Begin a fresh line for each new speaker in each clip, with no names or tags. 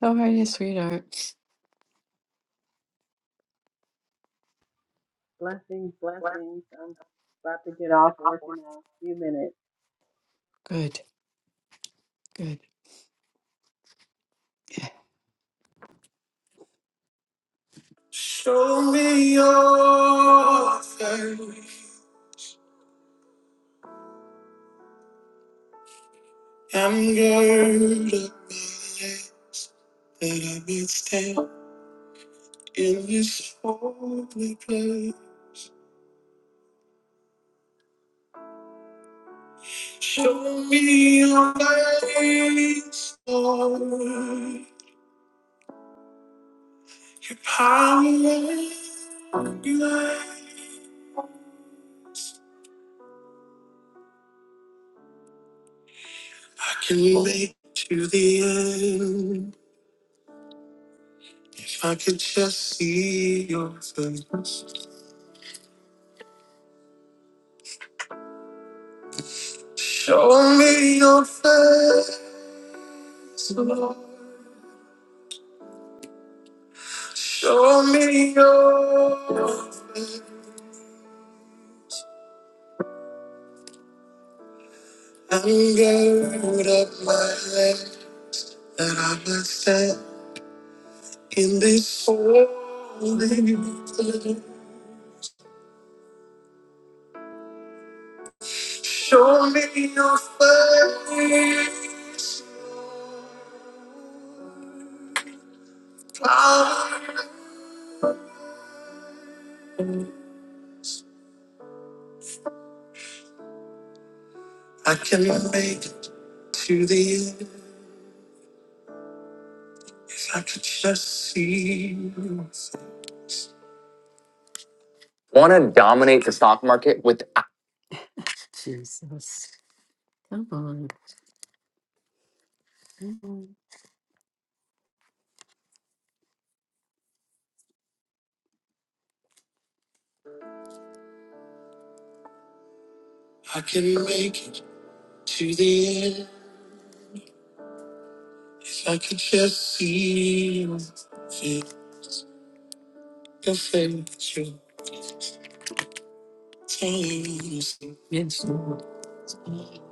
How are you, sweetheart?
Blessings, blessings. I'm about to get off work in a few minutes.
Good, good. Want to dominate the stock market with Jesus, come on. Come on.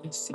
Yes,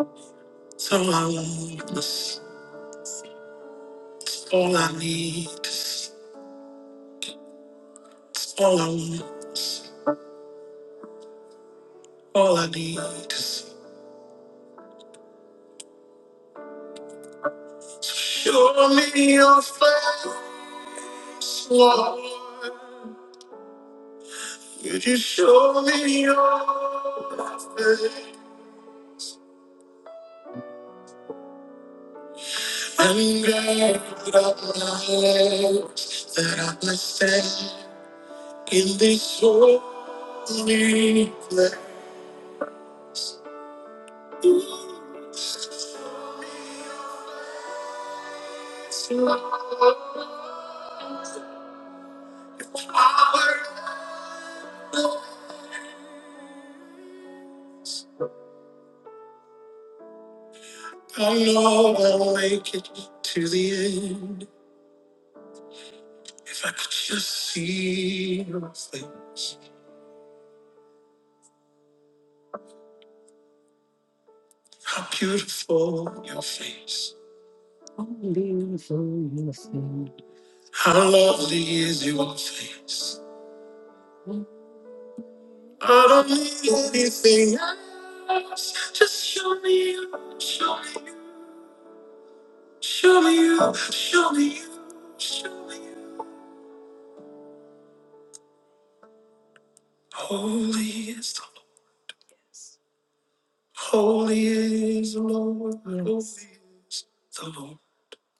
only for your sin.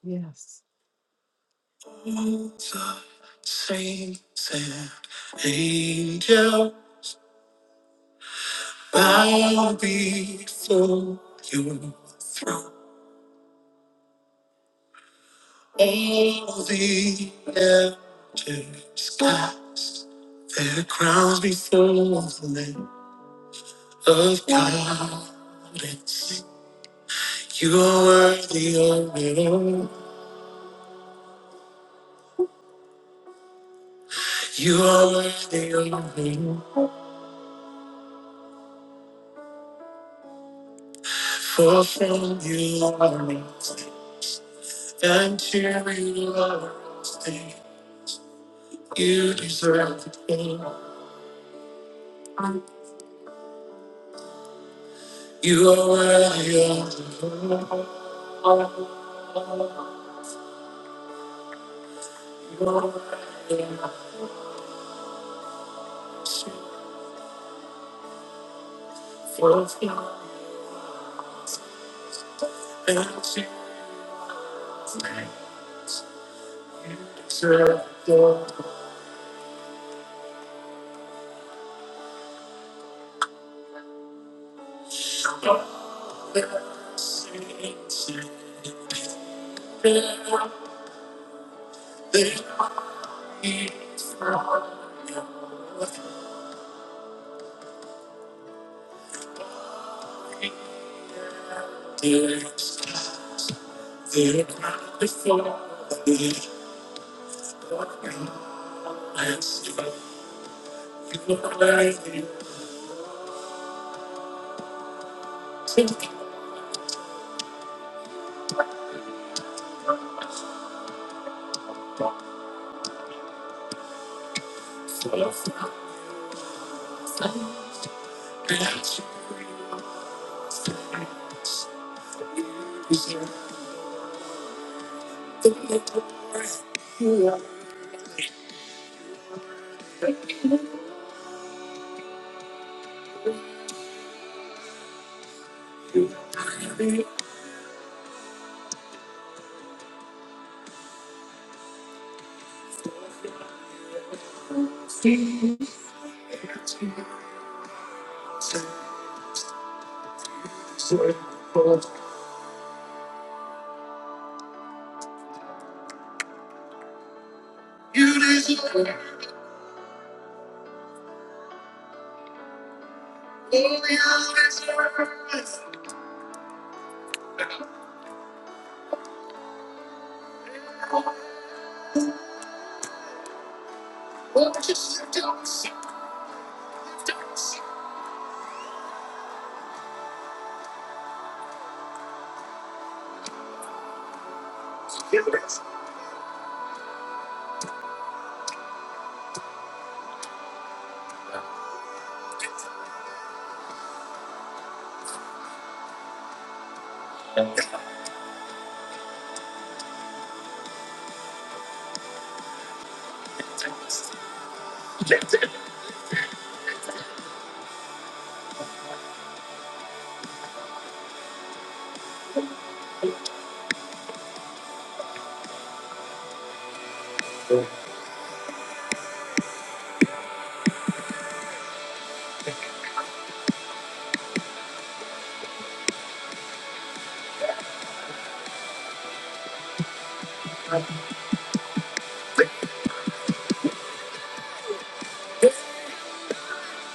Yes,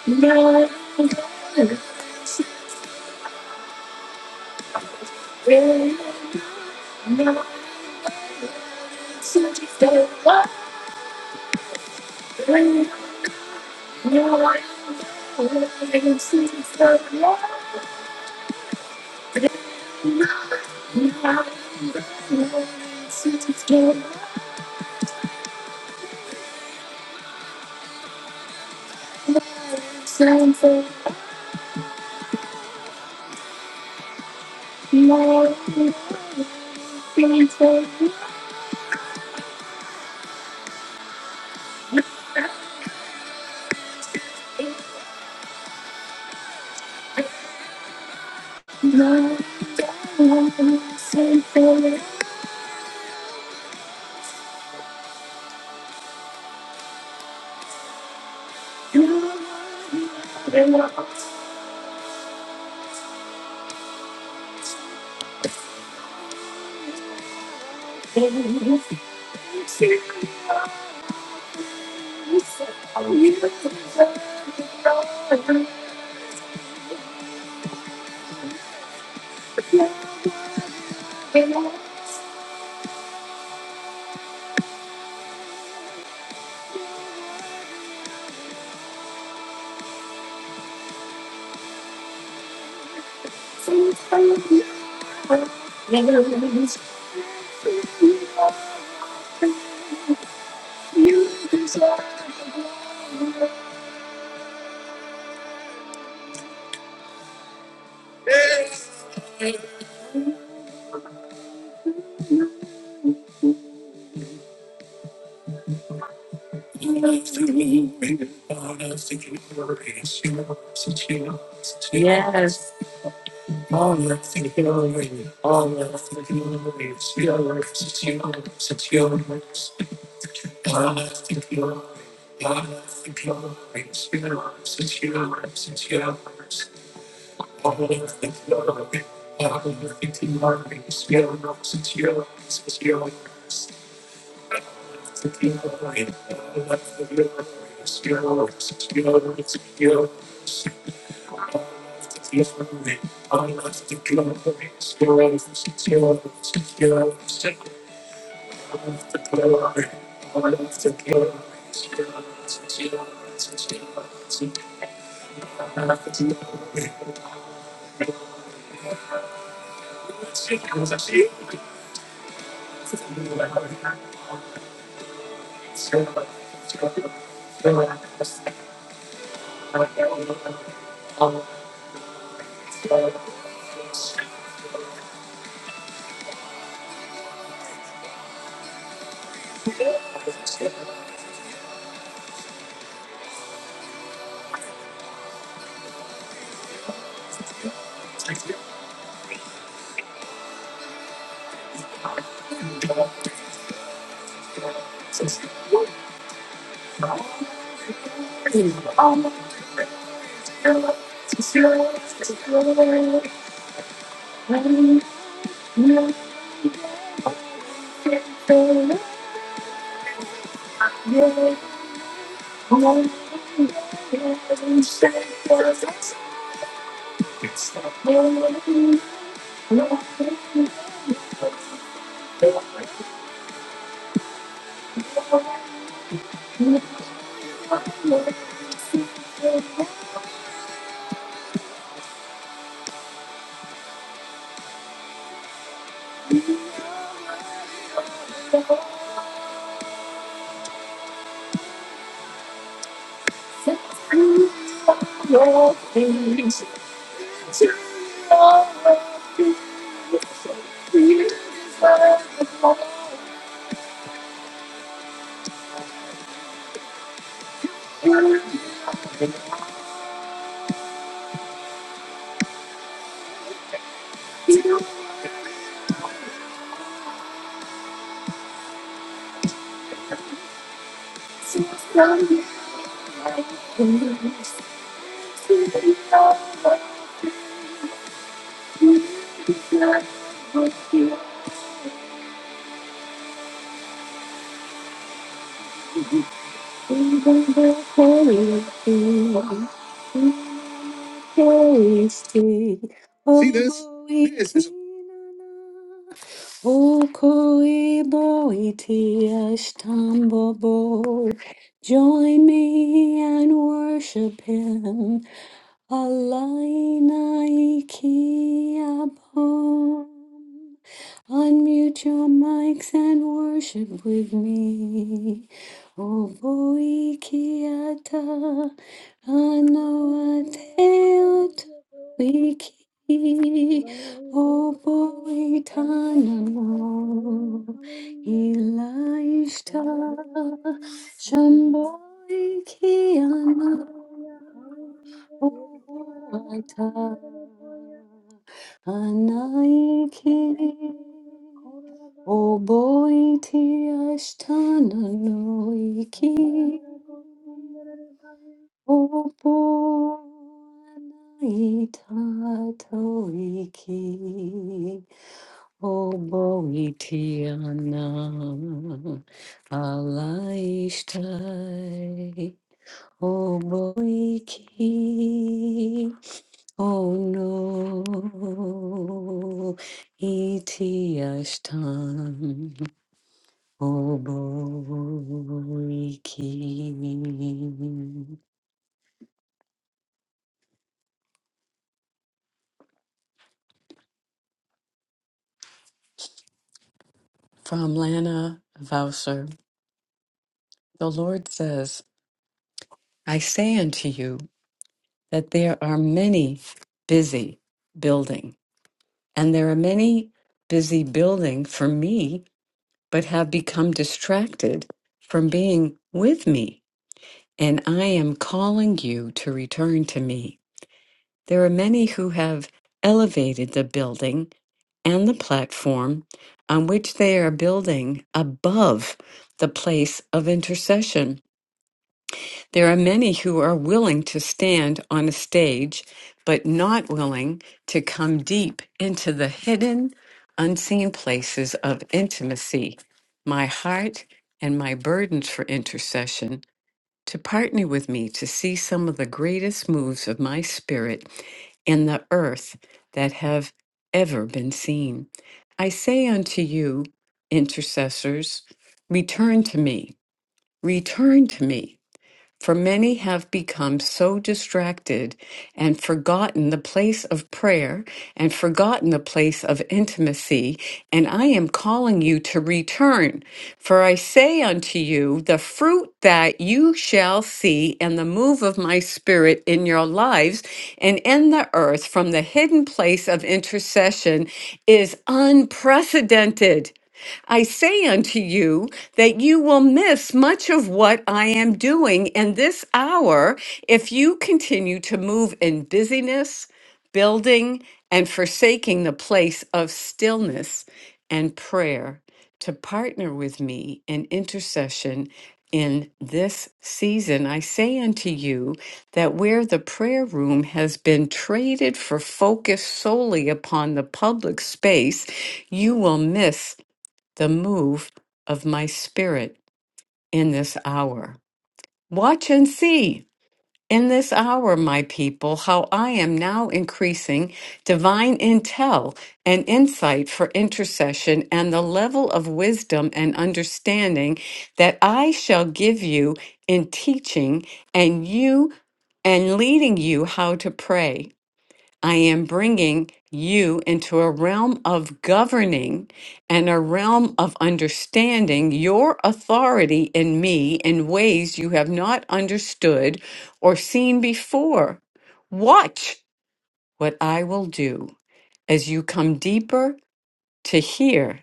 yes. No, no, Thank you. are the You deserve the glory. I'm a hero. to yours to glory. When you get the glory, I'm gonna say yes. It's glory. To To love love you, you you, deserve deserve all all of of See this? Okoiboitiashtambobo. Join me and worship him. Alainaikiabom. Unmute your mics and worship with me. Oboikiata
Hallelujah, hallelujah,
anoateotoiki.
glory, glory, glory, glory. Thank you, Jesus, glory,
Oboitanamo
hallelujah.
Ilaishta
and lift up your name, Jesus.
Shamboikiana
Hallelujah, hallelujah.
Oboata
Yekorarabasandaraboya.
Anaiki
Thank you, Jesus, korarabaya.
Oboiti Ashtananoiki
Yandarabo, sandarabaya.
Oponai tatoiki, oboitiana, alaistai, oboiki, ono, itiastan, oboiki. from Lana Vouser. The Lord says, I say unto you that there are many busy building, and there are many busy building for me, but have become distracted from being with me. And I am calling you to return to me. There are many who have elevated the building and the platform on which they are building above the place of intercession There are many who are willing to stand on a stage, but not willing to come deep into the hidden, unseen places of intimacy. My heart and my burdens for intercession to partner with me to see some of the greatest moves of my spirit in the earth that have ever been seen. I say unto you, intercessors, return to me, return to me for many have become so distracted and forgotten the place of prayer and forgotten the place of intimacy. And I am calling you to return. For I say unto you, the fruit that you shall see and the move of my spirit in your lives and in the earth from the hidden place of intercession is unprecedented. I say unto you that you will miss much of what I am doing in this hour if you continue to move in busyness, building, and forsaking the place of stillness and prayer to partner with me in intercession in this season. I say unto you that where the prayer room has been traded for focus solely upon the public space, you will miss the move of my spirit in this hour. Watch and see in this hour, my people, how I am now increasing divine intel and insight for intercession and the level of wisdom and understanding that I shall give you in teaching and you and leading you how to pray. I am bringing you into a realm of governing and a realm of understanding your authority in me in ways you have not understood or seen before. Watch what I will do as you come deeper to hear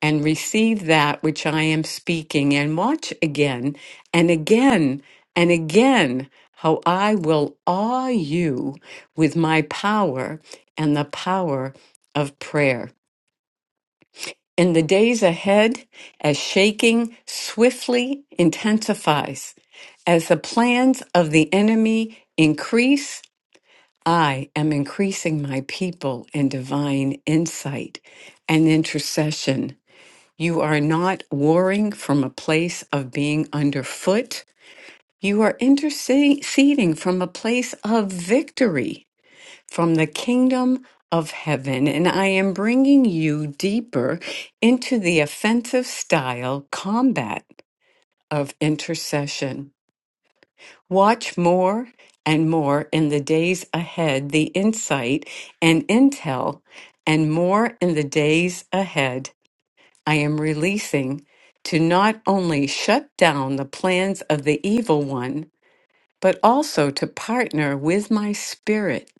and receive that which I am speaking, and watch again and again and again how I will awe you with my power and the power of prayer. In the days ahead, as shaking swiftly intensifies, as the plans of the enemy increase, I am increasing my people in divine insight and intercession you are not warring from a place of being underfoot. You are interceding from a place of victory, from the kingdom of heaven. And I am bringing you deeper into the offensive style combat of intercession. Watch more and more in the days ahead, the insight and intel, and more in the days ahead I am releasing to not only shut down the plans of the evil one, but also to partner with my spirit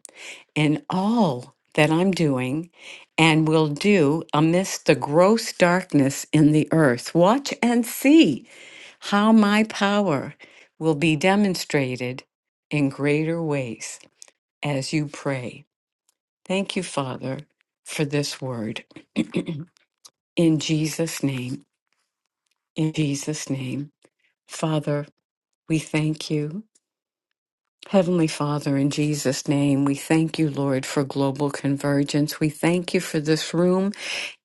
in all that I'm doing and will do amidst the gross darkness in the earth. Watch and see how my power will be demonstrated in greater ways as you pray. Thank you, Father, for this word. in Jesus' name, in Jesus' name. Father, we thank you. Heavenly Father, in Jesus' name, we thank you, Lord, for global convergence. We thank you for this room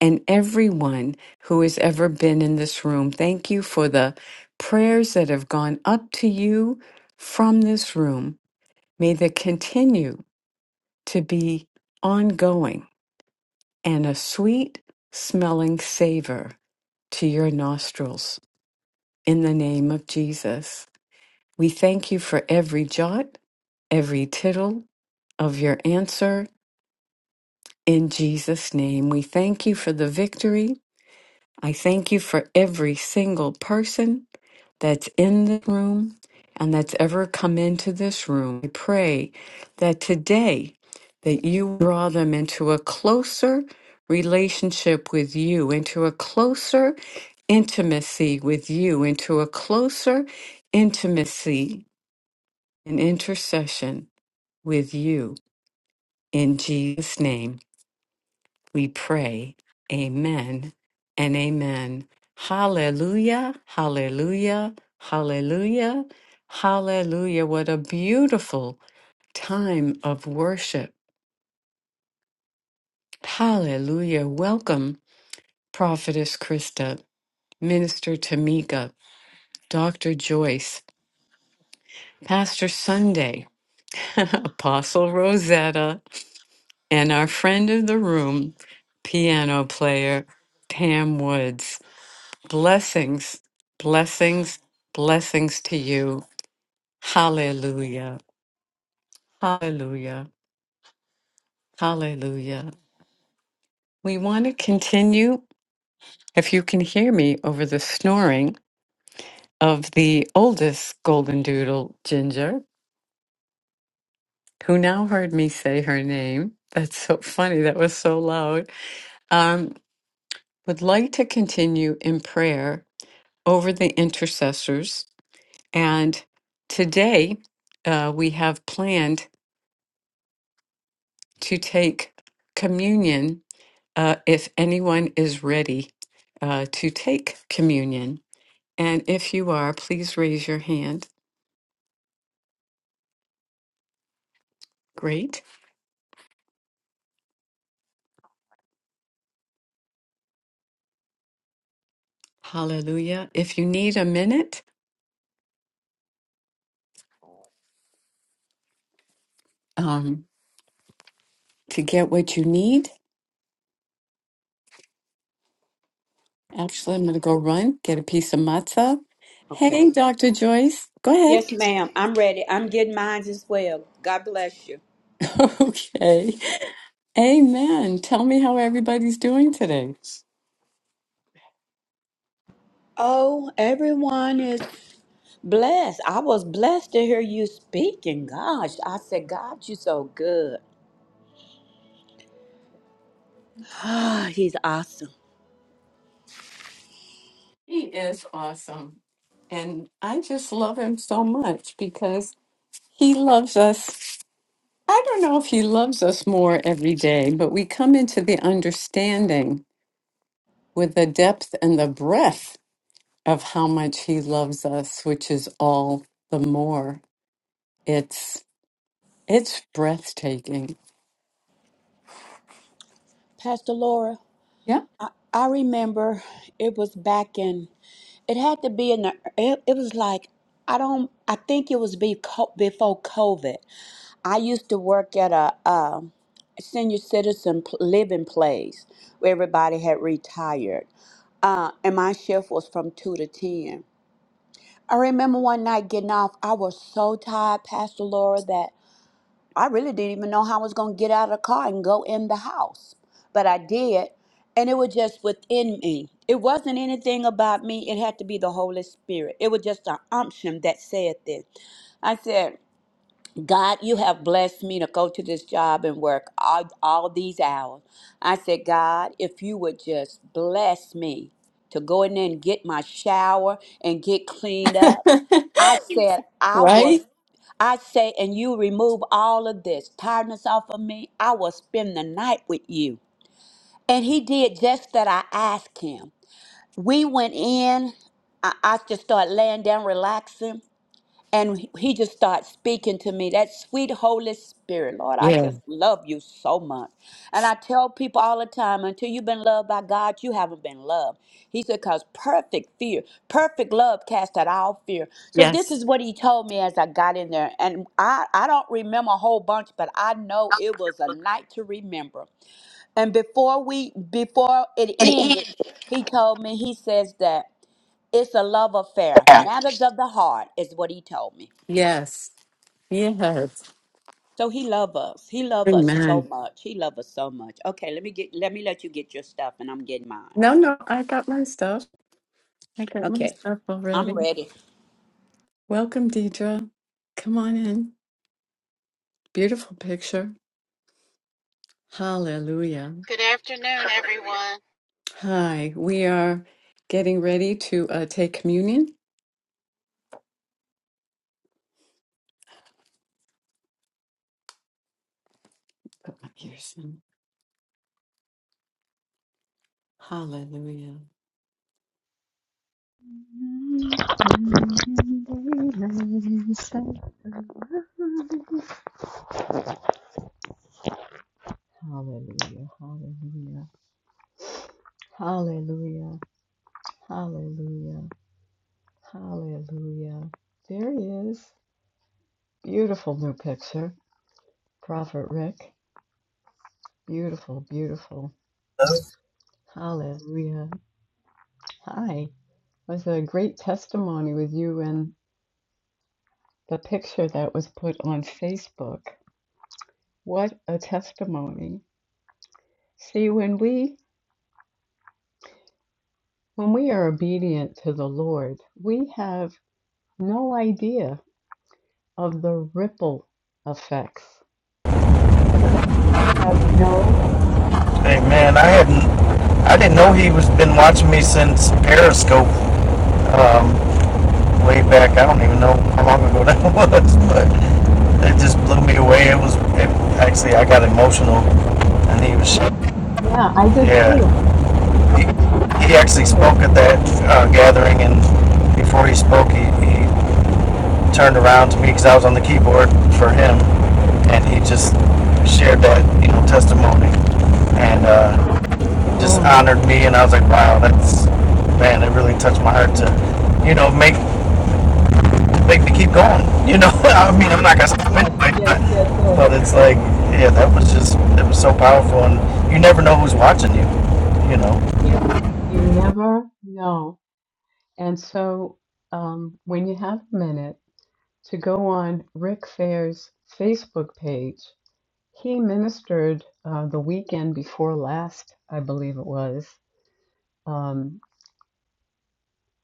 and everyone who has ever been in this room. Thank you for the prayers that have gone up to you from this room. May they continue to be ongoing and a sweet smelling savor to your nostrils. In the name of Jesus, we thank you for every jot every tittle of your answer. In Jesus' name, we thank you for the victory. I thank you for every single person that's in the room and that's ever come into this room. I pray that today that you draw them into a closer relationship with you, into a closer intimacy with you, into a closer intimacy and intercession with you. In Jesus' name we pray. Amen and amen. Hallelujah, hallelujah, hallelujah, hallelujah. What a beautiful time of worship. Hallelujah. Welcome, Prophetess Krista, Minister Tamika, Dr. Joyce, Pastor Sunday, Apostle Rosetta, and our friend of the room, piano player Pam Woods. Blessings, blessings, blessings to you. Hallelujah. Hallelujah. Hallelujah. We want to continue, if you can hear me over the snoring of the oldest golden doodle, Ginger, who now heard me say her name. That's so funny. That was so loud. Um, would like to continue in prayer over the intercessors. And today uh, we have planned. to take communion uh, if anyone is ready uh, to take communion. And if you are, please raise your hand. Great. Hallelujah. If you need a minute um, to get what you need, actually, I'm going to go run, get a piece of matzah. Hey, Dr. Joyce, go
Yes,
ahead.
ma'am. I'm ready. I'm getting mine as well. Got you.
okay. Amen. Tell me how everybody's doing today.
Oh, everyone is blessed. I was blessed to hear you speaking. Gosh, I said, God, you're so good. Ah, he's awesome.
He is awesome. And I just love him so much because he loves us. I don't know if he loves us more every day, but we come into the understanding with the depth and the breadth of how much he loves us, which is all the more. It's it's breathtaking.
Pastor Laura,
Yeah.
I remember it was back in, it had to be in the, it, it was like, I don't, I think it was beco- before COVID. I used to work at a, uh senior citizen p- living place where everybody had retired, uh, and my shift was from two to ten. I remember one night getting off. I was so tired, Pastor Laura, that I really didn't even know how I was going to get out of the car and go in the house, but I did, and it was just within me. It wasn't anything about me. It had to be the Holy Spirit. It was just an unction that said this. I said. God, you have blessed me to go to this job and work all, all these hours. I said, God, if you would just bless me to go in there and get my shower and get cleaned up. I said, I
right?
was, I say, and you remove all of this tiredness off of me. I will spend the night with you. And he did just that I asked him. We went in, I, I just started laying down, relaxing. And he just started speaking to me, that sweet Holy Spirit. Lord, I
Yeah.
just love you so much. And I tell people all the time until you've been loved by God, you haven't been loved. He said, because perfect fear, perfect love cast out all fear. So this
Yes.
is what he told me as I got in there. And I, I don't remember a whole bunch, but I know it was a night to remember. And before we before it ended, he told me, he says that it's a love affair. Matters of the heart is what he told me.
Yes. Yes.
So he love us. He love us so
Amen.
much. He love us so much. Okay, let me get let me let you get your stuff and I'm getting mine.
No, no, I got my stuff. I got my
Okay.
stuff
I'm
already.
ready.
Welcome, Deidre. Come on in. Beautiful picture. Hallelujah.
Good afternoon, everyone,
Hi, we are getting ready to uh, take communion. Put my ears in. Hallelujah. Hallelujah, hallelujah, hallelujah, hallelujah, hallelujah. There he is. Beautiful new picture. Prophet Rick. Beautiful, beautiful. Hallelujah. Hi. It was a great testimony with you and the picture that was put on Facebook. What a testimony. See, when we when we are obedient to the Lord, we have no idea of the ripple effects. We have no
Hey man,
idea.
I hadn't, I didn't know he was been watching me since Periscope um, way back. I don't even know how long ago that was, but it just blew me away. It was it, actually I got emotional, and he was,
Yeah, I did
yeah,
too.
he,
I
he
did
actually spoke
too.
at that uh, gathering, and before he spoke, he, he turned around to me because I was on the keyboard for him, and he just shared that you know testimony, and. Uh, just
Amen.
honored me, and I was like, wow, that's man, it really touched my heart to, you know, make make me keep going. You know, I mean, I'm not gonna stop
Yes,
anyway, but,
yes, yes, yes.
it's like, yeah, that was just it was so powerful, and you never know who's watching you. You know.
You never know. And so, um, when you have a minute to go on Rick Fair's Facebook page, he ministered uh, the weekend before last, I believe it was, um,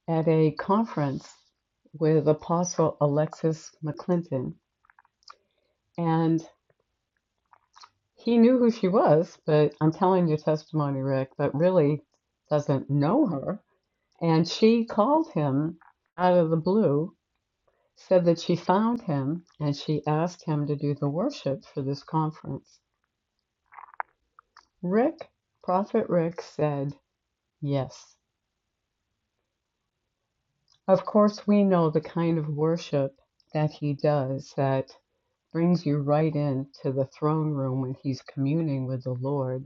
at a conference with Apostle Alexis McClinton. And he knew who she was, but I'm telling your testimony, Rick, that really doesn't know her. And she called him out of the blue said that she found him and she asked him to do the worship for this conference. Rick, Prophet Rick, said yes. Of course, we know the kind of worship that he does that brings you right into the throne room when he's communing with the Lord.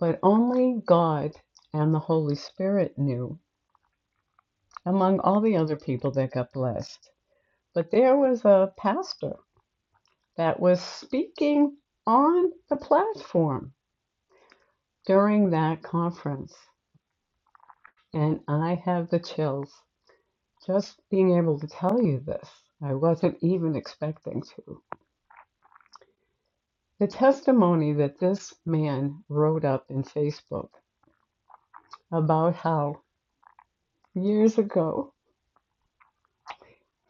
But only God and the Holy Spirit knew, among all the other people that got blessed. But there was a pastor that was speaking on the platform during that conference. And I have the chills just being able to tell you this. I wasn't even expecting to. The testimony that this man wrote up in Facebook about how years ago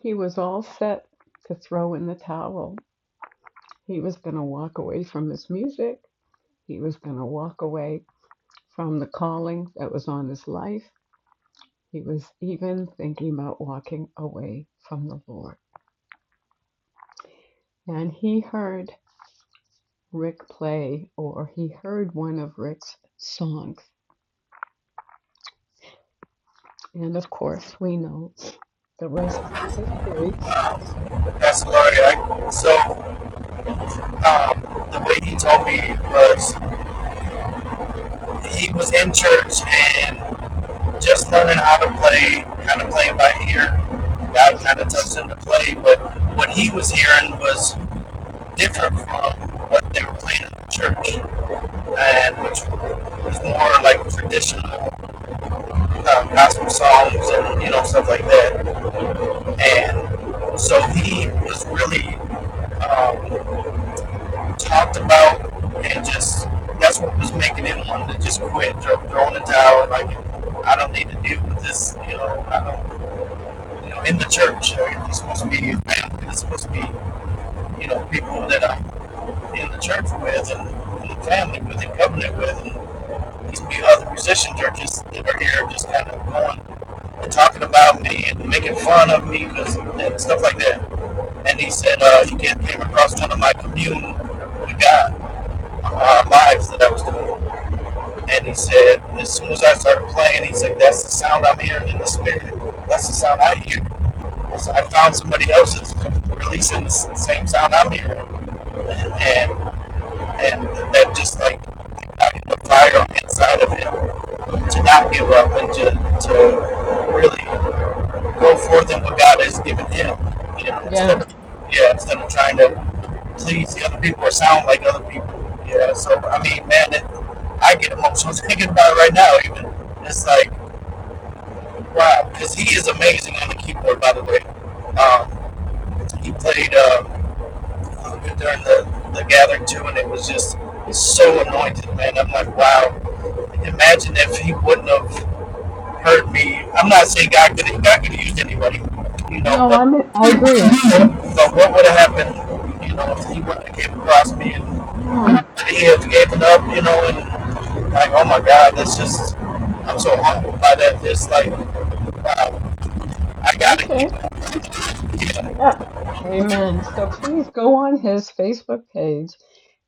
he was all set to throw in the towel. He was going to walk away from his music, he was going to walk away from the calling that was on his life. He was even thinking about walking away from the Lord. And he heard Rick play or he heard one of Rick's songs. And of course, we know the rest is history.
That's Laurie. I, so um, the way he told me was he was in church and just learning how to play, kind of playing by ear. God kind of touched him to play, but what he was hearing was different from what they were playing in the church, and which was more like traditional um, gospel songs and you know stuff like that. And so he was really um, talked about and just that's what was making him want to just quit, throw, throw in the towel, and like I don't need to deal with this, you know, I don't, you know, in the church, you know, you're supposed to be a family, it's supposed to be you know, people that I'm in the church with and in the family with and covenant with and these few other musician churches that are here just kind of going and talking about me and making fun of me, because and stuff like that. And he said, uh, you can't came across none of my commune with God, our lives that I was doing. And he said, as soon as I started playing, he's like, that's the sound I'm hearing in the spirit. That's the sound I hear. So I found somebody else that's releasing the same sound I'm hearing. And and that just like ignited the fire inside of him to not give up and to, to really go forth in what God has given him. You know,
Yeah.
instead of yeah, instead of trying to please the other people or sound like other people. Yeah. So I mean, man, it, I get emotional thinking about it right now. Even it's like wow, because he is amazing on the keyboard. By the way, um, he played. Uh, during the, the gathering too, and it was just he's so anointed, man. I'm like, wow. Imagine if he wouldn't have heard me. I'm not saying God could God could have used anybody, you know,
No,
but
I'm I agree.
but what would have happened, you know, if he wouldn't have came across me and
Mm,
he had given up, you know, and like, oh my God, that's just I'm so humbled by that. It's like, wow, I gotta keep
okay. Yeah. Amen. So please go on his Facebook page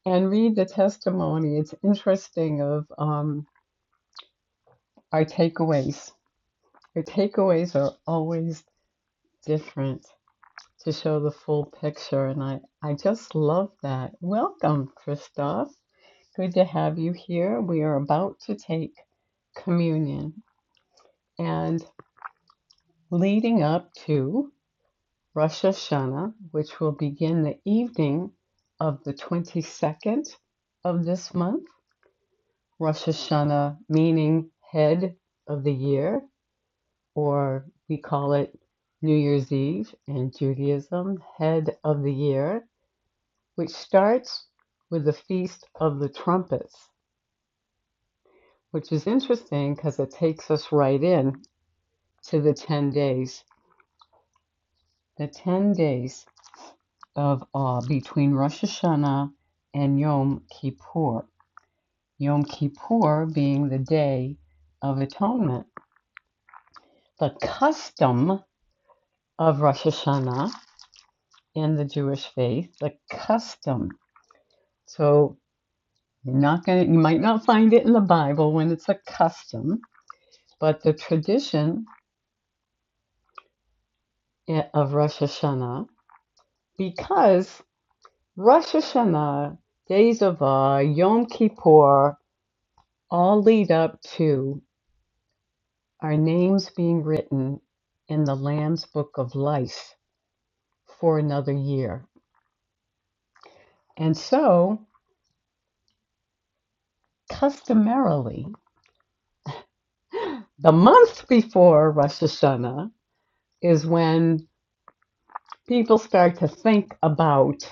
and read the testimony. It's interesting of um, our takeaways. Our takeaways are always different to show the full picture, and I, I just love that. Welcome, Christoph. Good to have you here. We are about to take communion and leading up to Rosh Hashanah, which will begin the evening of the 22nd of this month. Rosh Hashanah meaning head of the year, or we call it New Year's Eve in Judaism, head of the year, which starts with the Feast of the Trumpets, which is interesting because it takes us right in to the 10 days. The 10 days of awe between Rosh Hashanah and Yom Kippur. Yom Kippur being the Day of Atonement. The custom of Rosh Hashanah in the Jewish faith, the custom. So you're not gonna, you might not find it in the Bible when it's a custom, but the tradition eh, of Rosh Hashanah, because Rosh Hashanah, Dezavah, Yom Kippur all lead up to our names being written in the Lamb's Book of Life for another year. And so, customarily, the month before Rosh Hashanah is when people start to think about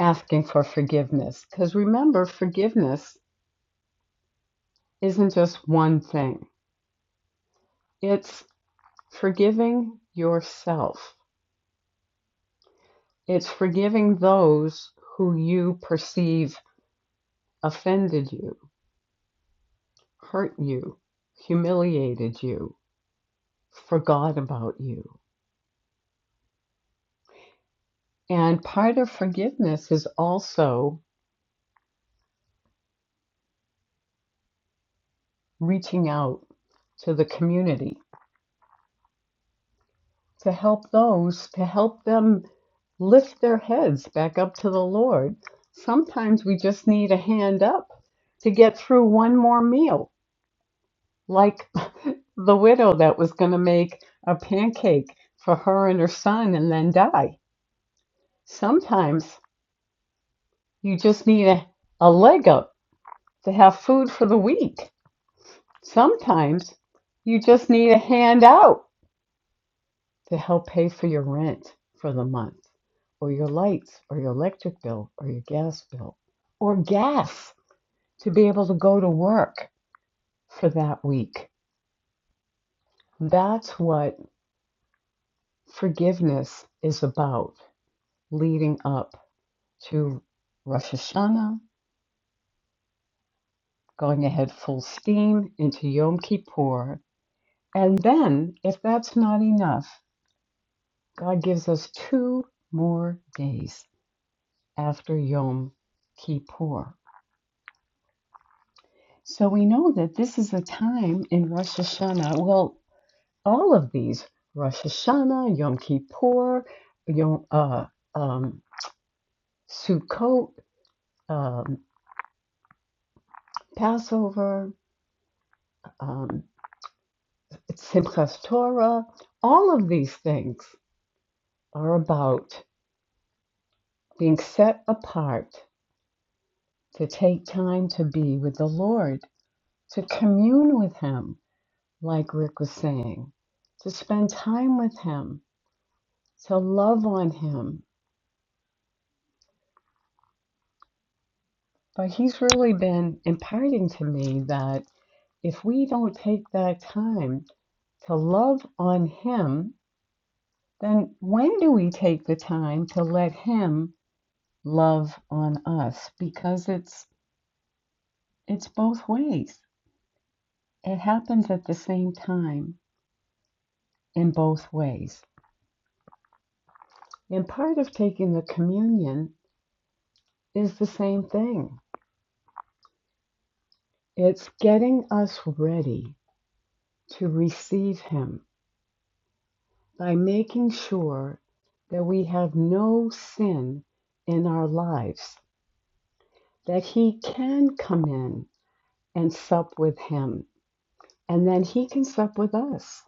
asking for forgiveness. Because remember, forgiveness isn't just one thing, it's forgiving yourself It's forgiving those who you perceive offended you, hurt you, humiliated you, forgot about you. And part of forgiveness is also reaching out to the community to help those, to help them lift their heads back up to the Lord. Sometimes we just need a hand up to get through one more meal like the widow that was going to make a pancake for her and her son and then die. Sometimes you just need a, a leg up to have food for the week. Sometimes you just need a handout to help pay for your rent for the month, or your lights, or your electric bill, or your gas bill, or gas to be able to go to work for that week. That's what forgiveness is about leading up to Rosh Hashanah, going ahead full steam into Yom Kippur. And then, if that's not enough, God gives us two more days after Yom Kippur. So we know that this is a time in Rosh Hashanah. Well, all of these Rosh Hashanah, Yom Kippur, Yom, uh, um, Sukkot, um, Passover, um, Simchas Torah, all of these things are about being set apart to take time to be with the Lord, to commune with Him, like Rick was saying, to spend time with Him, to love on Him. But He's really been imparting to me that if we don't take that time to love on Him, then when do we take the time to let Him love on us? Because it's it's both ways It happens at the same time in both ways. And part of taking the communion is the same thing it's getting us ready to receive Him by making sure that we have no sin in our lives, that He can come in and sup with Him, and then He can sup with us.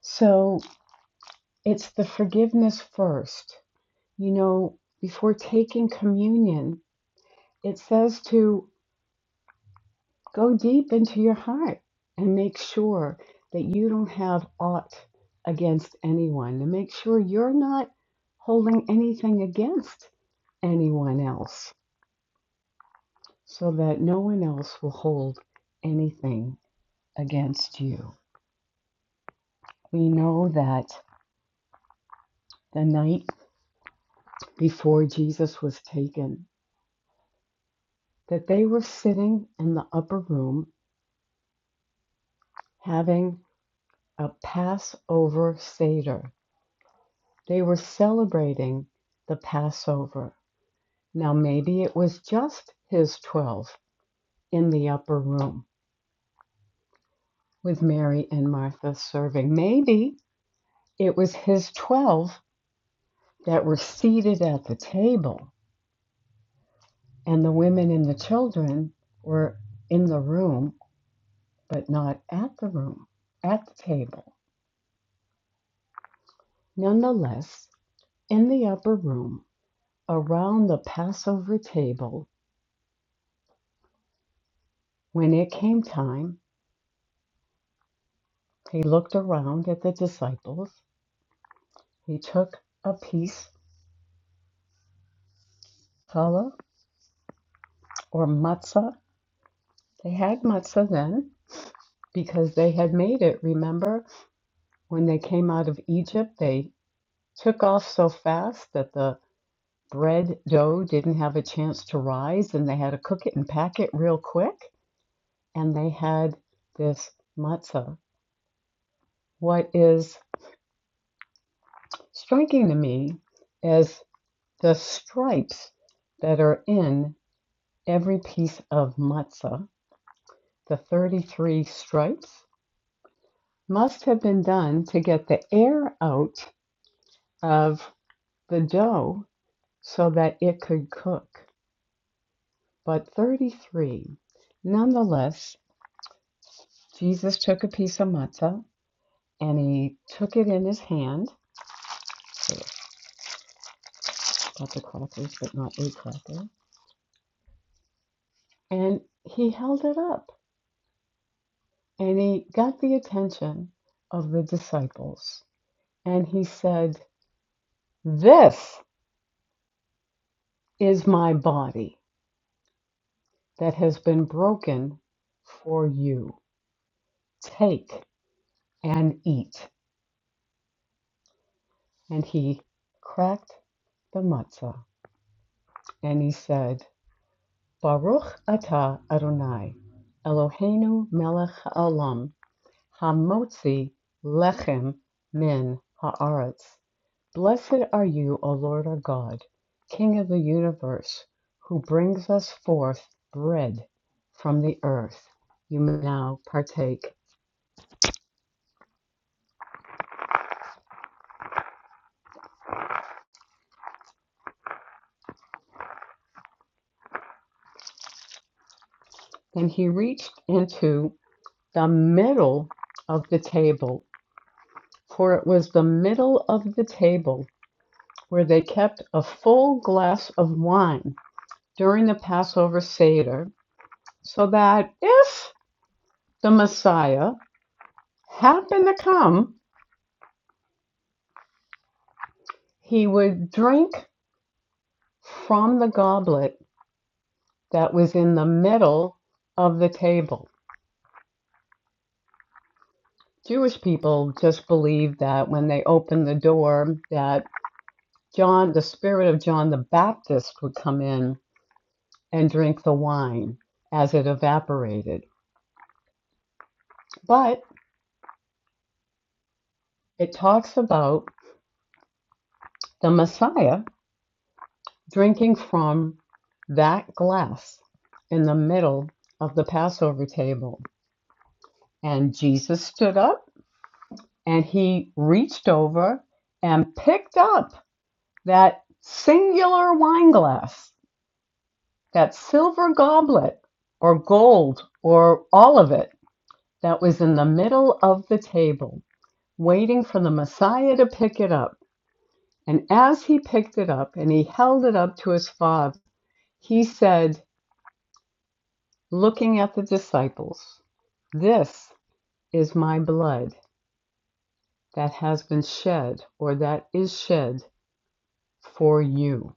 So it's the forgiveness first. You know, before taking communion, It says to go deep into your heart and make sure that you don't have aught against anyone, and make sure you're not holding anything against anyone else, so that no one else will hold anything against you. We know that the night before Jesus was taken, that they were sitting in the upper room having a Passover Seder They were celebrating the Passover. Now, maybe it was just his 12 in the upper room with Mary and Martha serving. Maybe it was his 12 that were seated at the table, and the women and the children were in the room, but not at the room, at the table. Nonetheless, in the upper room, around the Passover table, when it came time, they looked around at the disciples He took a piece challah or matzah. They had matzah then because they had made it. Remember when they came out of Egypt, they took off so fast that the bread dough didn't have a chance to rise and they had to cook it and pack it real quick. And they had this matzah. What is striking to me is the stripes that are in every piece of matzah, the 33 stripes must have been done to get the air out of the dough so that it could cook. But 33, nonetheless, Jesus took a piece of matzah and he took it in his hand. So got the crackers, but not a cracker. And he held it up and he got the attention of the disciples. And he said, This is my body that has been broken for you. Take and eat. And he cracked the matzah, and he said, Baruch atah Adonai, Eloheinu melech haolam, hamotzi lechem min haaretz. Blessed are you, O Lord our God, King of the universe, who brings us forth bread from the earth. You may now partake. And he reached into the middle of the table for it was the middle of the table where they kept a full glass of wine during the Passover Seder, so that if the Messiah happened to come, he would drink from the goblet that was in the middle of the table. Jewish people just believed that when they opened the door that John the spirit of John the Baptist would come in and drink the wine as it evaporated. But It talks about the Messiah drinking from that glass in the middle of the Passover table. And Jesus stood up and he reached over and picked up that singular wine glass, that silver goblet or gold or all of it that was in the middle of the table, waiting for the Messiah to pick it up. And as he picked it up and he held it up to his father, He said, looking at the disciples, This is my blood that has been shed, or that is shed for you.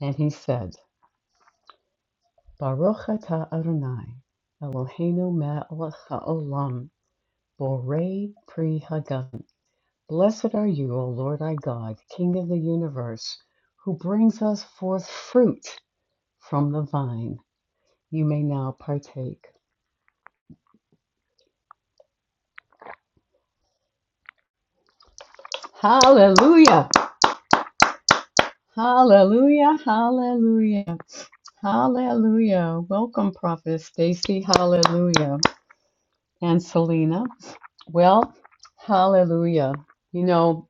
And he said, Baruch atah Adonai, Eloheinu melech haolam, borei pri hagadol. Blessed are you, O Lord our God, King of the universe, who brings us forth fruit from the vine. You may now partake. Hallelujah! Hallelujah, hallelujah, hallelujah. Welcome, Prophet Stacy, hallelujah, and Selena. Well, hallelujah. You know,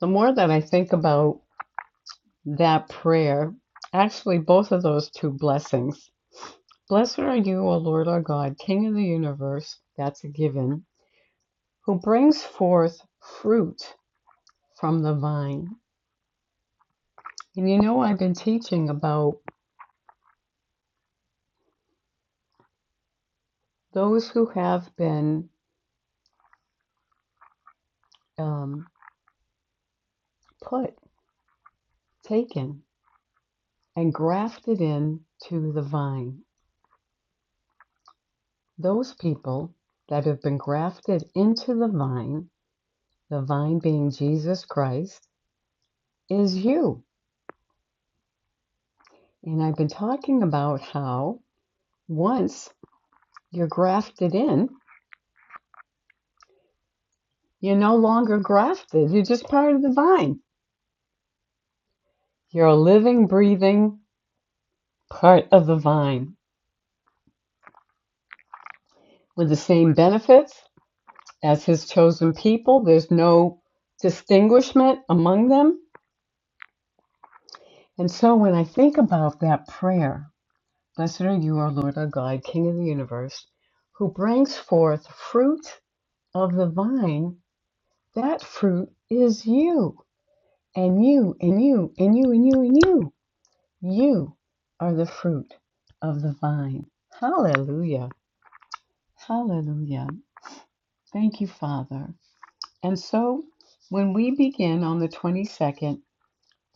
the more that I think about that prayer, actually, both of those two blessings. Blessed are you, O Lord our God, King of the universe, that's a given, who brings forth fruit from the vine. And you know, I've been teaching about those who have been um, put, taken, and grafted into the vine. Those people that have been grafted into the vine, the vine being Jesus Christ, is you. And I've been talking about how once you're grafted in, you're no longer grafted. You're just part of the vine. You're a living, breathing part of the vine with the same benefits as his chosen people. There's no distinguishment among them And so when I think about that prayer, blessed are you, our Lord, our God, King of the universe, who brings forth fruit of the vine, that fruit is you, and you, and you, and you, and you, and you. You are the fruit of the vine. Hallelujah. Hallelujah. Thank you, Father. And so when we begin on the 22nd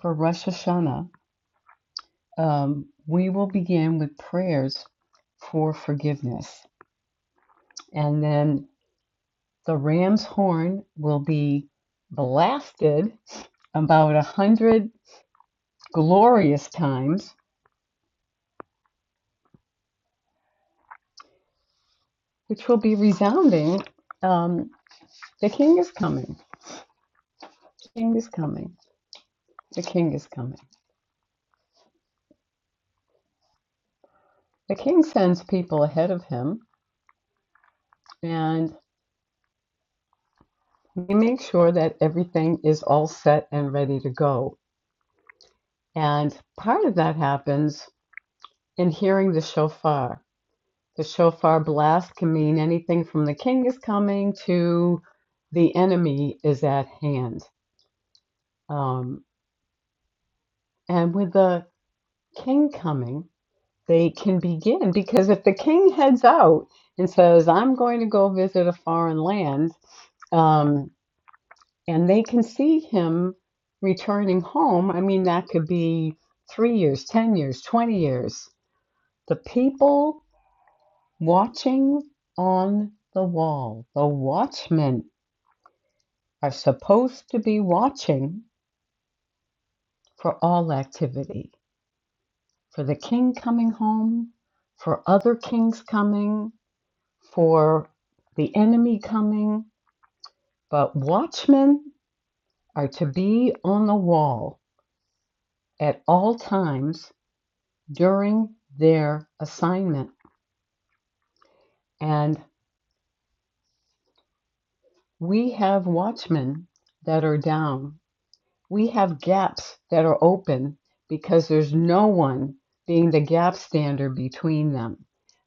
for Rosh Hashanah, Um, we will begin with prayers for forgiveness. And then the ram's horn will be blasted about a hundred glorious times, which will be resounding. Um, the king is coming. The king is coming. The king is coming. The king sends people ahead of him, and we make sure that everything is all set and ready to go. And part of that happens in hearing the shofar The shofar blast can mean anything from the king is coming to the enemy is at hand. Um, and with the king coming, they can begin because if the king heads out and says, I'm going to go visit a foreign land, um, and they can see him returning home, I mean, that could be three years, 10 years, 20 years. The people watching on the wall, the watchmen are supposed to be watching for all activity for the king coming home, for other kings coming, for the enemy coming. But watchmen are to be on the wall at all times during their assignment. And we have watchmen that are down we have gaps that are open because there's no one being the gap stander between them.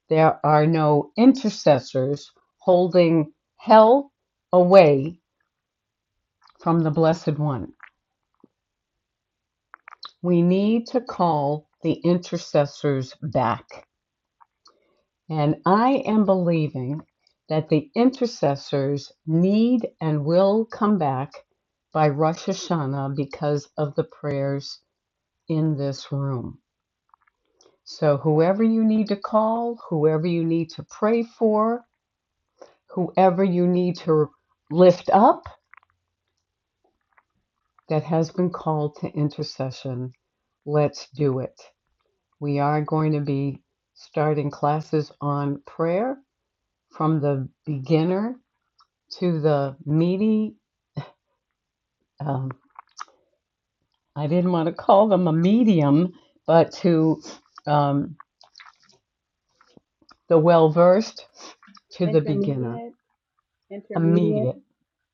There are no intercessors holding hell away from the Blessed One. We need to call the intercessors back. And I am believing that the intercessors need and will come back by Rosh Hashanah because of the prayers in this room. So, whoever you need to call, whoever you need to pray for, whoever you need to lift up that has been called to intercession, let's do it. We are going to be starting classes on prayer from the beginner to the meaty. Um, I didn't want to call them a medium, but to um, the well versed to the beginner,
Intermediate, intermediate.
immediate.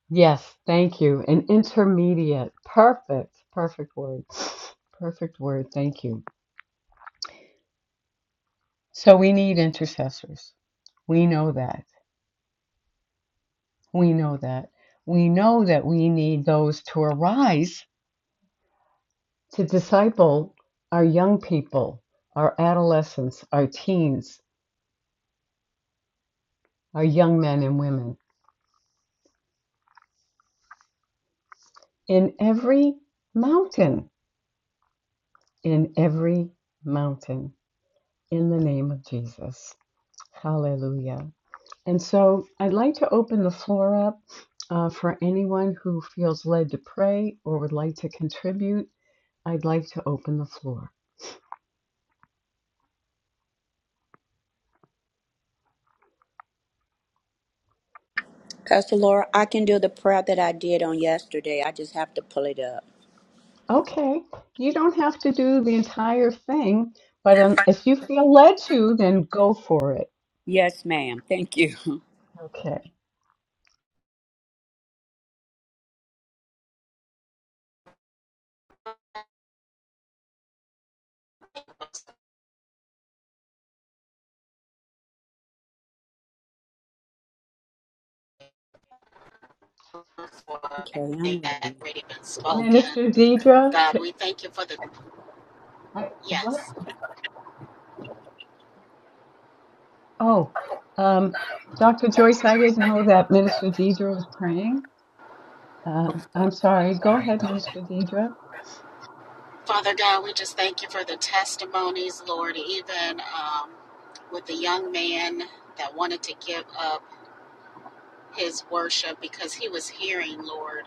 Yes, thank you. An intermediate. Perfect. Perfect word. Perfect word. Thank you. So we need intercessors. We know that. We know that. We know that we need those to arise to disciple our young people, our adolescents, our teens, our young men and women in every mountain, in every mountain, in the name of Jesus. Hallelujah. And so I'd like to open the floor up uh, for anyone who feels led to pray or would like to contribute. I'd like to open the floor.
Pastor Laura, I can do the prayer that I did on yesterday. I just have to pull it up.
Okay, you don't have to do the entire thing, but um, if you feel led to, then go for it.
Yes, ma'am. Thank you.
Okay.
for
Okay,
everything
I'm
that
ready.
already been spoken.
Minister Deidre,
God,
could
we thank you for the,
I, what?
yes.
Oh, um, Dr. Joyce, I didn't know that Minister Deidre was praying. Uh, I'm sorry. Go ahead, Minister Deidre.
Father God, we just thank you for the testimonies, Lord, even um, with the young man that wanted to give up his worship because he was hearing, Lord,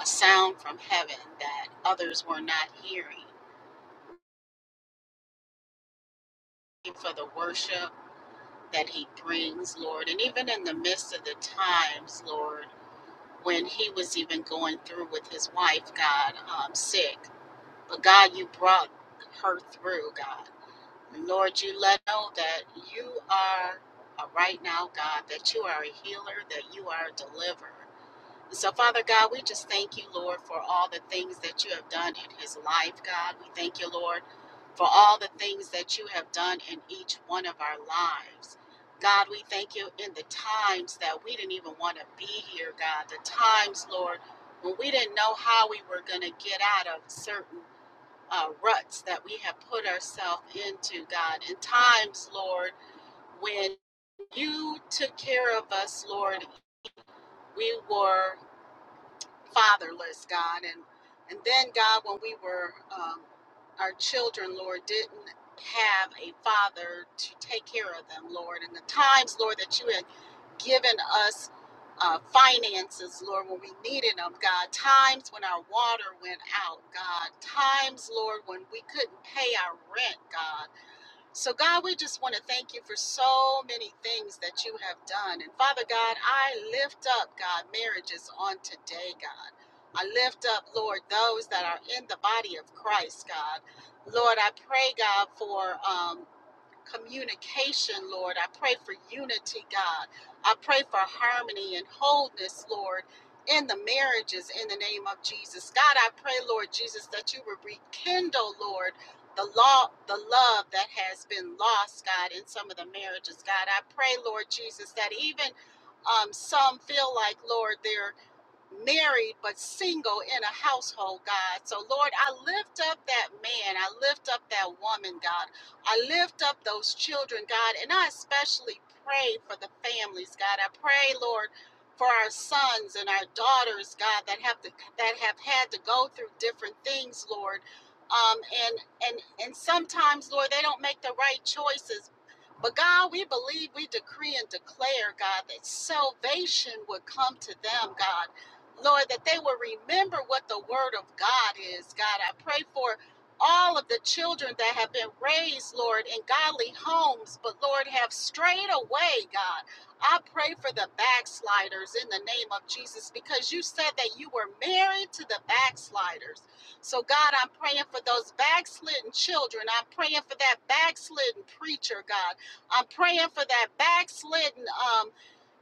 a sound from heaven that others were not hearing. Thank you For the worship that he brings, Lord, and even in the midst of the times, Lord. when he was even going through with his wife, God, um, sick. But God, you brought her through, God. And Lord, you let know that you are a right now, God, that you are a healer, that you are a deliverer. So, Father God, we just thank you, Lord, for all the things that you have done in his life, God. We thank you, Lord, for all the things that you have done in each one of our lives. God, we thank you in the times that we didn't even want to be here, God. The times, Lord, when we didn't know how we were going to get out of certain uh, ruts that we have put ourselves into, God. In times, Lord, when you took care of us, Lord. We were fatherless, God. And and then God, when we were um, our children, Lord, didn't have a father to take care of them, Lord. And the times, Lord, that you had given us uh, finances, Lord, when we needed them, God. Times when our water went out, God. Times, Lord, when we couldn't pay our rent, God so, God, we just want to thank you for so many things that you have done. And Father God, I lift up, God, marriages on today, God. I lift up, Lord, those that are in the body of Christ, God. Lord, I pray, God, for um, communication, Lord. I pray for unity, God. I pray for harmony and wholeness, Lord, in the marriages in the name of Jesus. God, I pray, Lord Jesus, that you would rekindle, Lord, the law, the love that has been lost, God, in some of the marriages. God, I pray, Lord Jesus, that even um, some feel like, Lord, they're married but single in a household, God. So, Lord, I lift up that man. I lift up that woman, God. I lift up those children, God. And I especially pray for the families, God. I pray, Lord. For our sons and our daughters, God, that have to, that have had to go through different things, Lord, um, and and and sometimes, Lord, they don't make the right choices, but God, we believe, we decree and declare, God, that salvation would come to them, God. Lord, that they will remember what the word of God is. God, I pray for all of the children that have been raised, Lord, in godly homes, but Lord, have strayed away, God. I pray for the backsliders in the name of Jesus because you said that you were married to the backsliders. So, God, I'm praying for those backslidden children. I'm praying for that backslidden preacher, God. I'm praying for that backslidden um,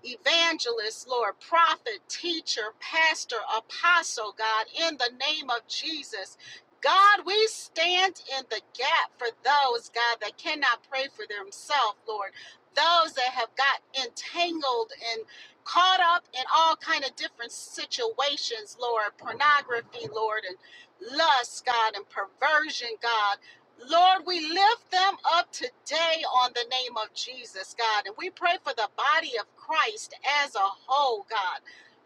evangelist, Lord, prophet, teacher, pastor, apostle, God, in the name of Jesus. God, we stand in the gap for those, God, that cannot pray for themselves, Lord. Those that have got entangled and caught up in all kind of different situations, Lord, pornography, Lord, and lust, God, and perversion, God. Lord, we lift them up today on the name of Jesus, God. And we pray for the body of Christ as a whole, God.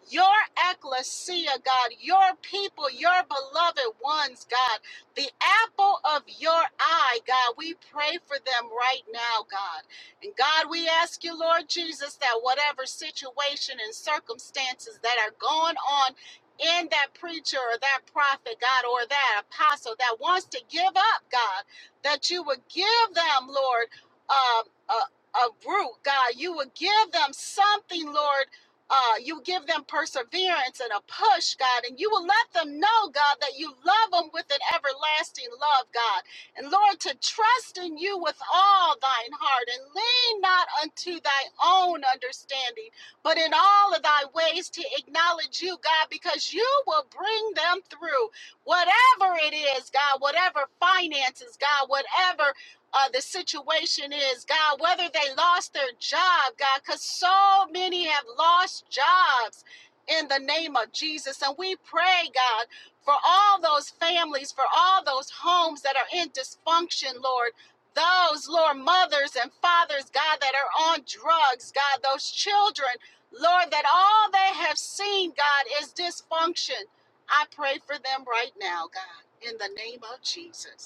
Your ecclesia, God, your people, your beloved ones, God, the apple of your eye, God, we pray for them right now, God. And God, we ask you, Lord Jesus, that whatever situation and circumstances that are going on in that preacher or that prophet, God, or that apostle that wants to give up, God, that you would give them, Lord, um, a, a root, God. You would give them something, Lord. Uh, you give them perseverance and a push, God, and you will let them know, God, that you love them with an everlasting love, God. And Lord, to trust in you with all thine heart and lean not unto thy own understanding but in all of thy ways to acknowledge you, God, because you will bring them through whatever it is, God, whatever finances, God, whatever uh, the situation is, God, whether they lost their job, God, because so many have lost jobs in the name of Jesus. And we pray, God, for all those families, for all those homes that are in dysfunction, Lord. Those, Lord, mothers and fathers, God, that are on drugs, God, those children Lord, that all they have seen, God, is dysfunction. I pray for them right now, God, in the name of Jesus.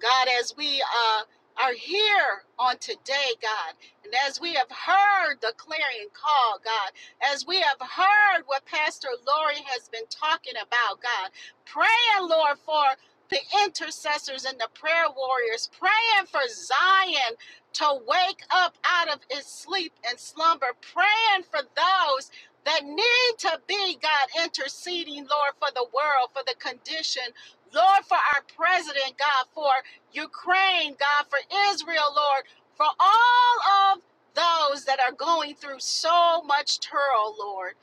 God, as we uh, are here on today, God, and as we have heard the clarion call, God, as we have heard what Pastor Lori has been talking about, God, praying, Lord, for the intercessors and the prayer warriors, praying for Zion to wake up out of its sleep and slumber, praying for those. That need to be, God, interceding, Lord, for the world, for the condition Lord, for our president, God, for Ukraine, God, for Israel, Lord, for all of those that are going through so much turmoil, Lord,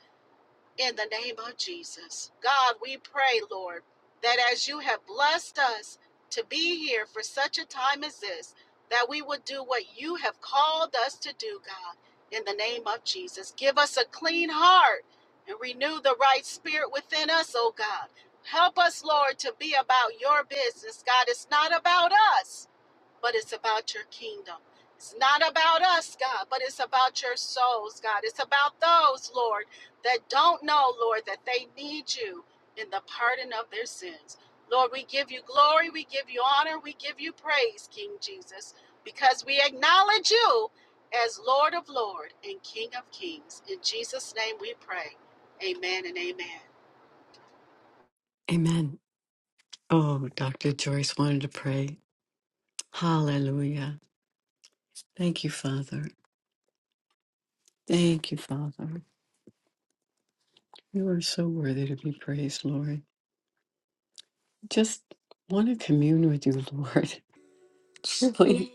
in the name of Jesus. God, we pray, Lord, that as you have blessed us to be here for such a time as this, that we would do what you have called us to do, God, in the name of Jesus. Give us a clean heart and renew the right spirit within us, oh God. Help us, Lord, to be about your business, God. It's not about us but it's about your kingdom. It's not about us, God, but it's about your souls, God. It's about those, Lord, that don't know, Lord, that they need you in the pardon of their sins. Lord, we give you glory, we give you honor, we give you praise, King Jesus, because we acknowledge you as Lord of lords and King of Kings. In Jesus' name we pray. Amen and amen.
Amen. Oh, Dr. Joyce wanted to pray. Hallelujah. Thank you, Father. Thank you, Father. You are so worthy to be praised, Lord. Just want to commune with you, Lord. Really.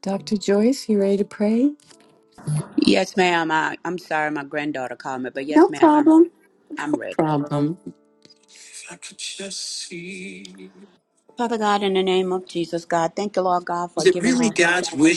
Dr. Joyce, you ready to pray?
Yes, ma'am. I, I'm sorry my granddaughter called me, but yes, ma'am, I'm ready. I'm ready. Father God, in the name of Jesus, God, thank you, Lord God, for giving us a chance.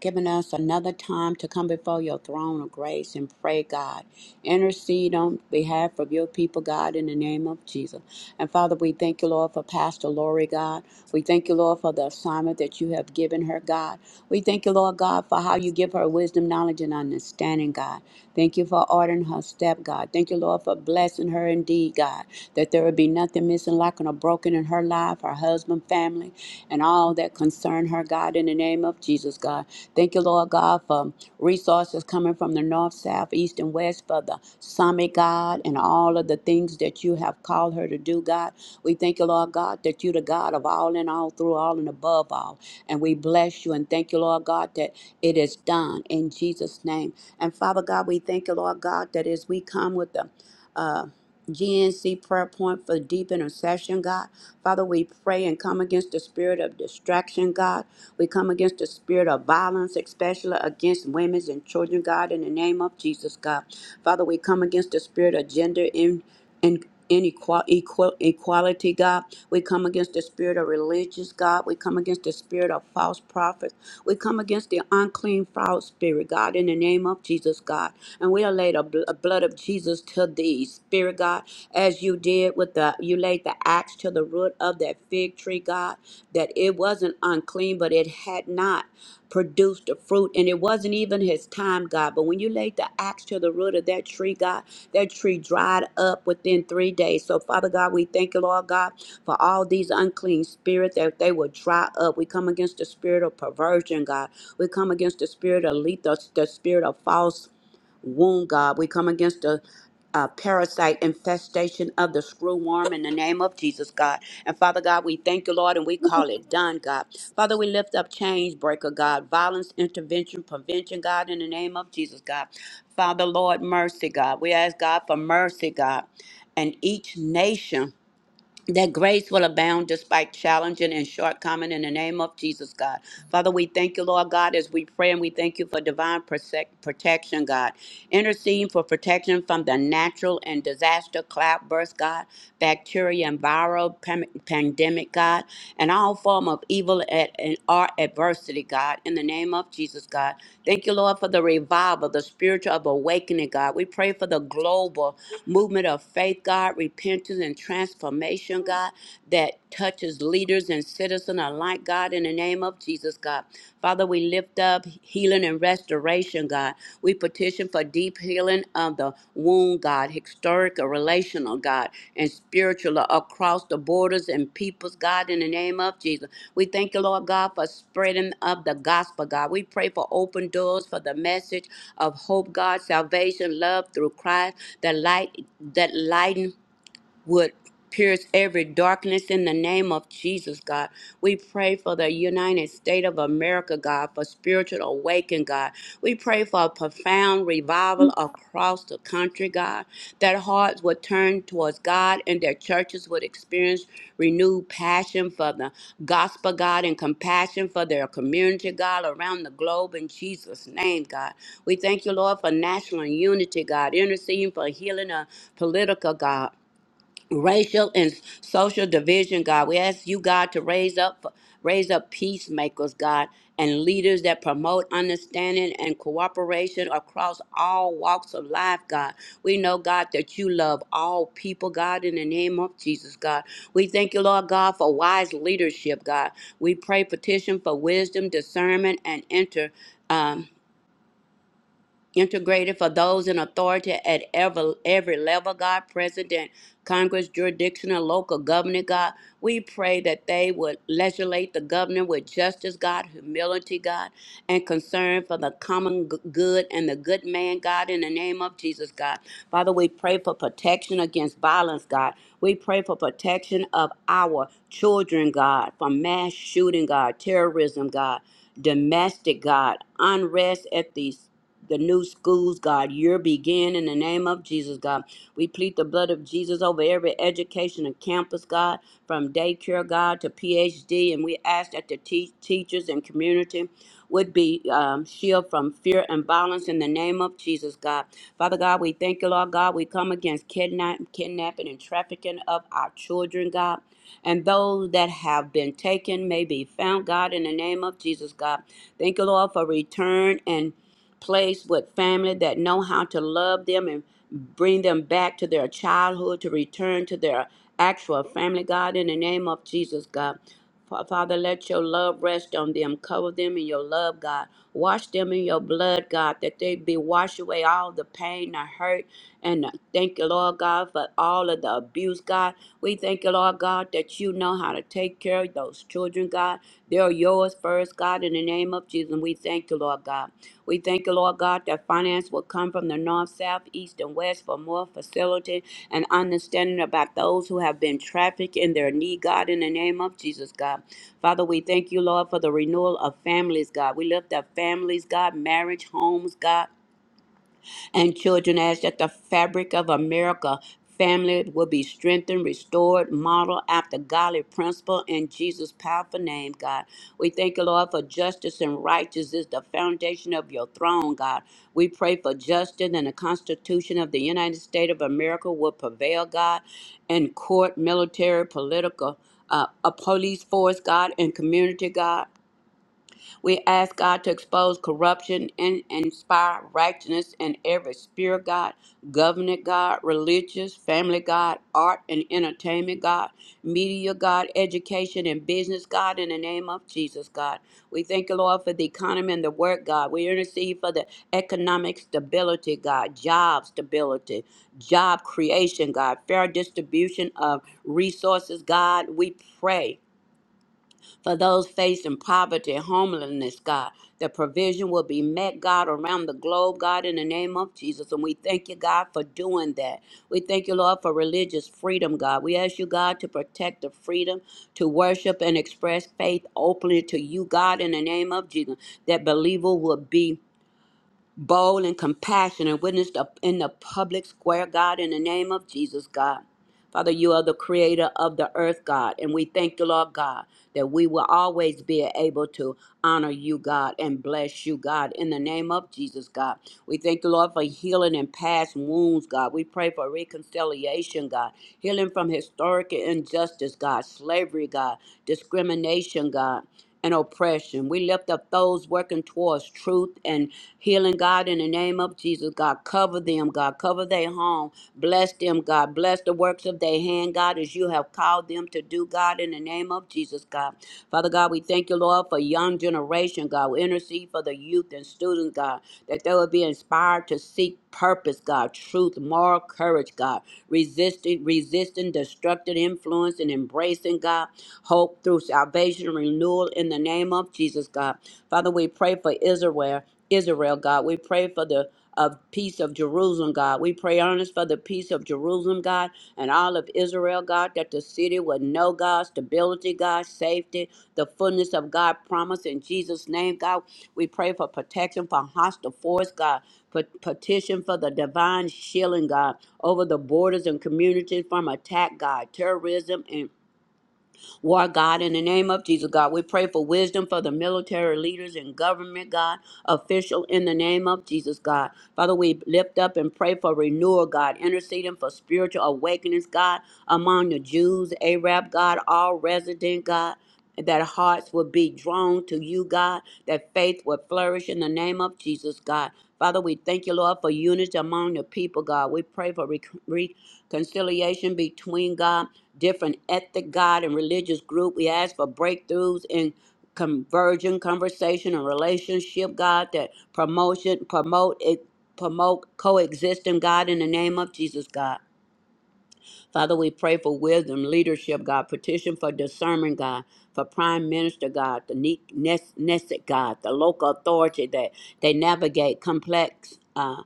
giving us another time to come before your throne of grace and pray, God. Intercede on behalf of your people, God, in the name of Jesus. And Father, we thank you, Lord, for Pastor Lori, God. We thank you, Lord, for the assignment that you have given her, God. We thank you, Lord God, for how you give her wisdom, knowledge, and understanding, God. Thank you for ordering her step, God. Thank you, Lord, for blessing her indeed, God, that there would be nothing missing, lacking, or broken in her life, her husband, family, and all that concern her, God, in the name of Jesus, God. Thank you, Lord God, for resources coming from the north, south, east, and west for the summit, God, and all of the things that you have called her to do, God. We thank you, Lord God, that you're the God of all and all, through all and above all. And we bless you and thank you, Lord God, that it is done in Jesus' name. And Father God, we thank you, Lord God, that as we come with the uh, GNC prayer point for deep intercession, God. Father, we pray and come against the spirit of distraction, God. We come against the spirit of violence, especially against women and children, God, in the name of Jesus, God. Father, we come against the spirit of gender in, in inequality, equality, God. We come against the spirit of religious, God. We come against the spirit of false prophets. We come against the unclean, foul spirit, God, in the name of Jesus, God. And we are laid a bl- a blood of Jesus to thee, spirit, God as you did with the, you laid the axe to the root of that fig tree, God, that it wasn't unclean, but it had not produced the fruit. And it wasn't even his time, God. But when you laid the axe to the root of that tree, God, that tree dried up within three days. So, Father God, we thank you, Lord God, for all these unclean spirits that they will dry up. We come against the spirit of perversion, God. We come against the spirit of lethal, the spirit of false wound, God. We come against the uh, parasite infestation of the screw worm in the name of Jesus, God. And Father God, we thank you, Lord, and we call it done, God. Father, we lift up change breaker, God, violence intervention, prevention, God, in the name of Jesus, God. Father, Lord, mercy, God. We ask God for mercy, God, and each nation that grace will abound despite challenging and shortcoming in the name of Jesus, God. Father, we thank you, Lord God, as we pray and we thank you for divine protec- protection, God. Interceding for protection from the natural and disaster cloud burst, God, bacteria and viral pam- pandemic, God, and all form of evil at, and our adversity, God, in the name of Jesus, God. Thank you, Lord, for the revival, the spiritual of awakening, God. We pray for the global movement of faith, God, repentance and transformation, God, that touches leaders and citizens alike, God, in the name of Jesus, God. Father, we lift up healing and restoration, God. We petition for deep healing of the wound, God, historical, relational, God, and spiritual across the borders and peoples, God, in the name of Jesus. We thank you, Lord God, for spreading of the gospel, God. We pray for open doors for the message of hope, God, salvation, love through Christ, the light that lighten would pierce every darkness in the name of Jesus, God. We pray for the United States of America, God, for spiritual awakening, God. We pray for a profound revival across the country, God, that hearts would turn towards God and their churches would experience renewed passion for the gospel, God, and compassion for their community, God, around the globe in Jesus' name, God. We thank you, Lord, for national unity, God, interceding for healing of political, God racial and s- social division, God. We ask you, God, to raise up raise up peacemakers, God, and leaders that promote understanding and cooperation across all walks of life, God. We know, God, that you love all people, God, in the name of Jesus, God. We thank you, Lord God, for wise leadership, God. We pray petition for wisdom, discernment, and enter integrated for those in authority at every, every level, God, president, Congress, jurisdictional, local government, God. We pray that they would legislate the government with justice, God, humility, God, and concern for the common g- good and the good man, God, in the name of Jesus, God. Father, we pray for protection against violence, God. We pray for protection of our children, God, from mass shooting, God, terrorism, God, domestic, God, unrest at these the new schools, God. Your begin in the name of Jesus, God. We plead the blood of Jesus over every education and campus, God, from daycare, God, to PhD. And we ask that the te- teachers and community would be um, shielded from fear and violence in the name of Jesus, God. Father God, we thank you, Lord God. We come against kidnap- kidnapping and trafficking of our children, God. And those that have been taken may be found, God, in the name of Jesus, God. Thank you, Lord, for return and place with family that know how to love them and bring them back to their childhood to return to their actual family god in the name of jesus god Fa- Father, let your love rest on them. Cover them in your love, God. Wash them in your blood, God, that they be washed away all the pain, the hurt, and uh, thank you, Lord God, for all of the abuse, God. We thank you, Lord God, that you know how to take care of those children, God. They're yours first, God, in the name of Jesus. And we thank you, Lord God. We thank you, Lord God, that finance will come from the north, south, east, and west for more facility and understanding about those who have been trafficked in their need, God, in the name of Jesus, God. Father, we thank you, Lord, for the renewal of families, God. We lift up families, God, marriage, homes, God and children as that the fabric of America family will be strengthened, restored, modeled after godly principle in Jesus' powerful name, God. We thank you, Lord, for justice and righteousness is the foundation of your throne, God. We pray for justice and the Constitution of the United States of America will prevail, God, in court, military, political, uh, a police force, God, and community, God. We ask God to expose corruption and inspire righteousness in every sphere, God, government, God, religious, family, God, art and entertainment, God, media, God, education and business, God, in the name of Jesus, God. We thank you, Lord, for the economy and the work, God. We intercede for the economic stability, God, job stability, job creation, God, fair distribution of resources, God. We pray. For those facing poverty, homelessness, God, the provision will be met, God, around the globe, God, in the name of Jesus. And we thank you, God, for doing that. We thank you, Lord, for religious freedom, God. We ask you, God, to protect the freedom to worship and express faith openly to you, God, in the name of Jesus, that believer will be bold and compassionate witness the- in the public square, God, in the name of Jesus, God. Father, you are the creator of the earth, God, and we thank you, Lord God, that we will always be able to honor you, God, and bless you, God, in the name of Jesus, God. We thank you, Lord, for healing and past wounds, God. We pray for reconciliation, God. Healing from historic injustice, God. Slavery, God. Discrimination, God. And oppression. We lift up those working towards truth and healing, God, in the name of Jesus, God. Cover them, God. Cover their home. Bless them, God. Bless the works of their hand, God, as you have called them to do, God, in the name of Jesus, God. Father God, we thank you, Lord, for young generation, God. We intercede for the youth and students, God that they will be inspired to seek purpose, God, truth, moral courage, God, resisting, resisting destructive influence and embracing, God, hope through salvation and renewal in the name of Jesus, God. Father, we pray for Israel, Israel, God. We pray for the of peace of Jerusalem, God. We pray earnest for the peace of Jerusalem, God, and all of Israel, God, that the city would know God, stability, God, safety, the fullness of God promise in Jesus' name, God. We pray for protection from hostile force, God. Pet- Petition for the divine shielding, God, over the borders and communities from attack, God, terrorism and. War God, in the name of Jesus, God, we pray for wisdom for the military leaders and government, God, official, in the name of Jesus, God. Father, we lift up and pray for renewal, God, interceding for spiritual awakenings, God, among the Jews, Arab, God, all resident, God that hearts will be drawn to you, God, that faith will flourish in the name of Jesus, God. Father, we thank you, Lord, for unity among the people, God. We pray for reconciliation conciliation between God, different ethnic God and religious group. We ask for breakthroughs in conversion, conversation, and relationship, God, that promotion, promote it. Promote coexisting, God, in the name of Jesus, God. Father, we pray for wisdom, leadership, God. Petition for discernment, God. For Prime Minister, God. The ne- nes- Nesset, God. The local authority that they navigate complex uh,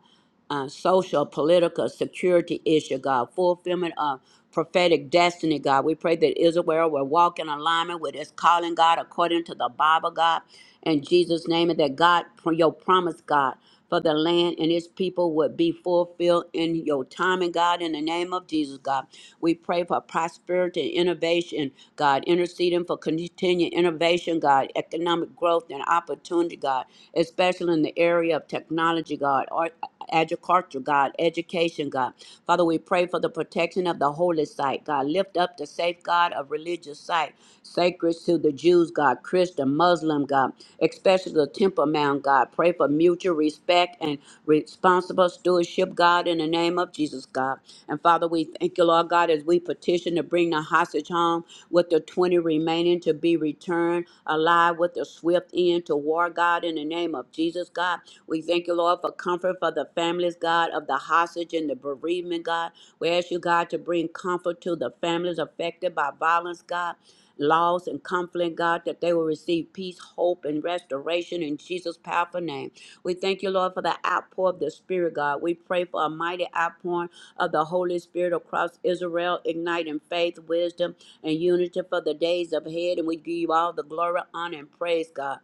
uh, social, political, security issue, God, fulfillment of prophetic destiny, God. We pray that Israel will walk in alignment with its calling, God, according to the Bible, God, in Jesus' name, and that God, for your promise, God, for the land and its people would be fulfilled in your timing, God, in the name of Jesus, God. We pray for prosperity and innovation, God. Intercede leading for continued innovation, God, economic growth and opportunity, God, especially in the area of technology, God, art, agriculture, God, education, God. Father, we pray for the protection of the holy site, God. Lift up the safeguard of religious site, sacred to the Jews, God, Christian, Muslim, God, especially the Temple Mount, God. Pray for mutual respect and responsibility responsible stewardship, God, in the name of Jesus, God. And Father, we thank you, Lord God, as we petition to bring the hostage home with the 20 remaining to be returned alive with a swift end to war, God, in the name of Jesus, God. We thank you, Lord, for comfort for the families, God, of the hostage and the bereavement, God. We ask you, God, to bring comfort to the families affected by violence, God loss and conflict, God, that they will receive peace, hope, and restoration in Jesus' powerful name. We thank you, Lord, for the outpour of the Spirit, God. We pray for a mighty outpouring of the Holy Spirit across Israel, igniting faith, wisdom, and unity for the days ahead. And we give you all the glory, honor, and praise, God.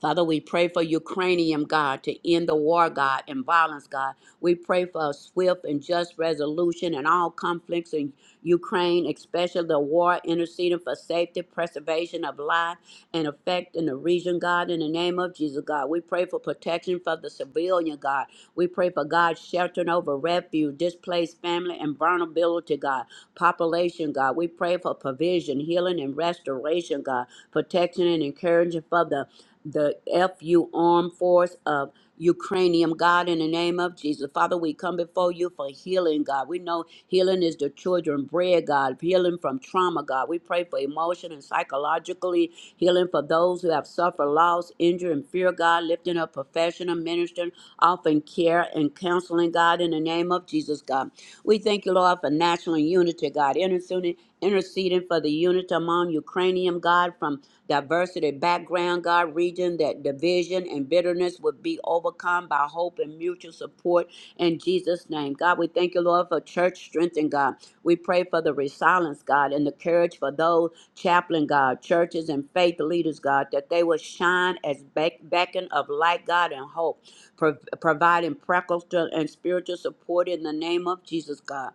Father, we pray for Ukrainian, God, to end the war, God, and violence, God. We pray for a swift and just resolution in all conflicts in Ukraine, especially the war interceding for safety, preservation of life, and effect in the region, God, in the name of Jesus, God. We pray for protection for the civilian, God. We pray for God's sheltering over refuge, displaced family, and vulnerability, God. Population, God. We pray for provision, healing, and restoration, God. Protection and encouragement for the the FU Armed Force of Ukrainian God in the name of Jesus. Father, we come before you for healing, God. We know healing is the children bread, God. Healing from trauma, God. We pray for emotion and psychologically healing for those who have suffered loss, injury, and fear, God. Lifting up professional ministering, offering care and counseling, God, in the name of Jesus, God. We thank you, Lord, for national unity, God. Interceding interceding for the unity among Ukrainian, God, from diversity, background, God, region, that division and bitterness would be overcome by hope and mutual support in Jesus' name. God, we thank you, Lord, for church strength and God. We pray for the resilience, God, and the courage for those chaplain, God, churches and faith leaders, God, that they will shine as beck- beacon of light, God, and hope, pro- providing practical and spiritual support in the name of Jesus, God.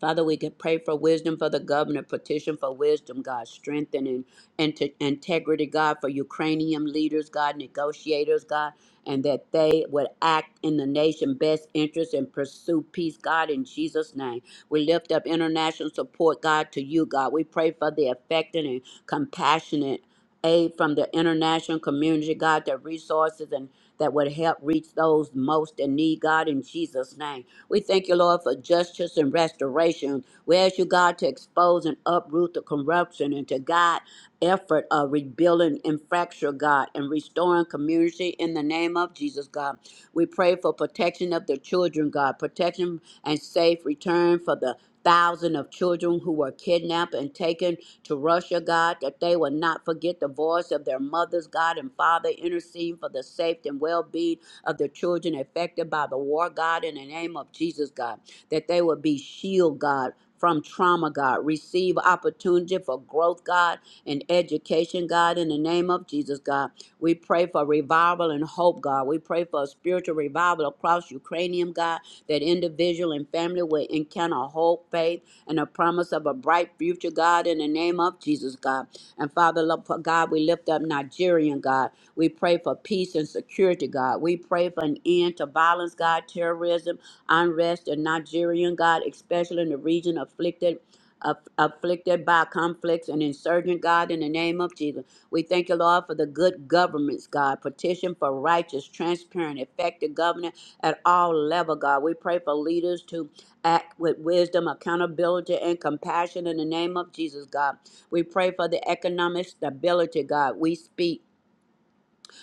Father, we can pray for wisdom for the governor, petition for wisdom, God, strengthening and to integrity, God, for Ukrainian leaders, God, negotiators, God, and that they would act in the nation best interest and pursue peace, God, in Jesus' name. We lift up international support, God, to you, God. We pray for the affected and compassionate aid from the international community, God, the resources and that would help reach those most in need, God, in Jesus' name. We thank you, Lord, for justice and restoration. We ask you, God, to expose and uproot the corruption and to guide effort of rebuilding and fracture, God, and restoring community in the name of Jesus, God. We pray for protection of the children, God, protection and safe return for the thousand of children who were kidnapped and taken to Russia, God, that they will not forget the voice of their mothers, God, and Father, interceding for the safety and well-being of the children affected by the war, God, in the name of Jesus, God, that they would be shield, God. From trauma, God. Receive opportunity for growth, God, and education, God, in the name of Jesus, God. We pray for revival and hope, God. We pray for a spiritual revival across Ukrainian, God, that individual and family will encounter hope, faith, and a promise of a bright future, God, in the name of Jesus, God. And Father, love for God, we lift up Nigerian, God. We pray for peace and security, God. We pray for an end to violence, God, terrorism, unrest in Nigerian, God, especially in the region afflicted. Aff- afflicted by conflicts and insurgent, God, in the name of Jesus. We thank you, Lord, for the good governments, God. Petition for righteous, transparent, effective governance at all level, God. We pray for leaders to act with wisdom, accountability, and compassion in the name of Jesus, God. We pray for the economic stability, God. We speak.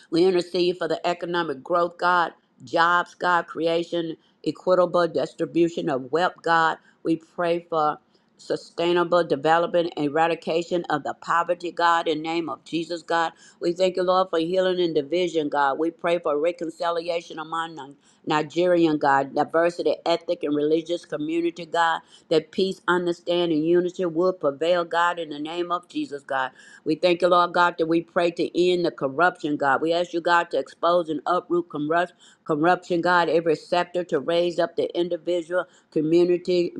We intercede for the economic growth, God, jobs, God, creation, equitable distribution of wealth, God. We pray for sustainable development, eradication of the poverty, God, in name of Jesus, God. We thank you, Lord, for healing and division, God. We pray for reconciliation among Ni- Nigerian, God, diversity, ethnic, and religious community, God, that peace, understanding, unity will prevail, God, in the name of Jesus, God. We thank you, Lord God, that we pray to end the corruption, God. We ask you, God, to expose and uproot corrupt, corruption, God, every sector to raise up the individual community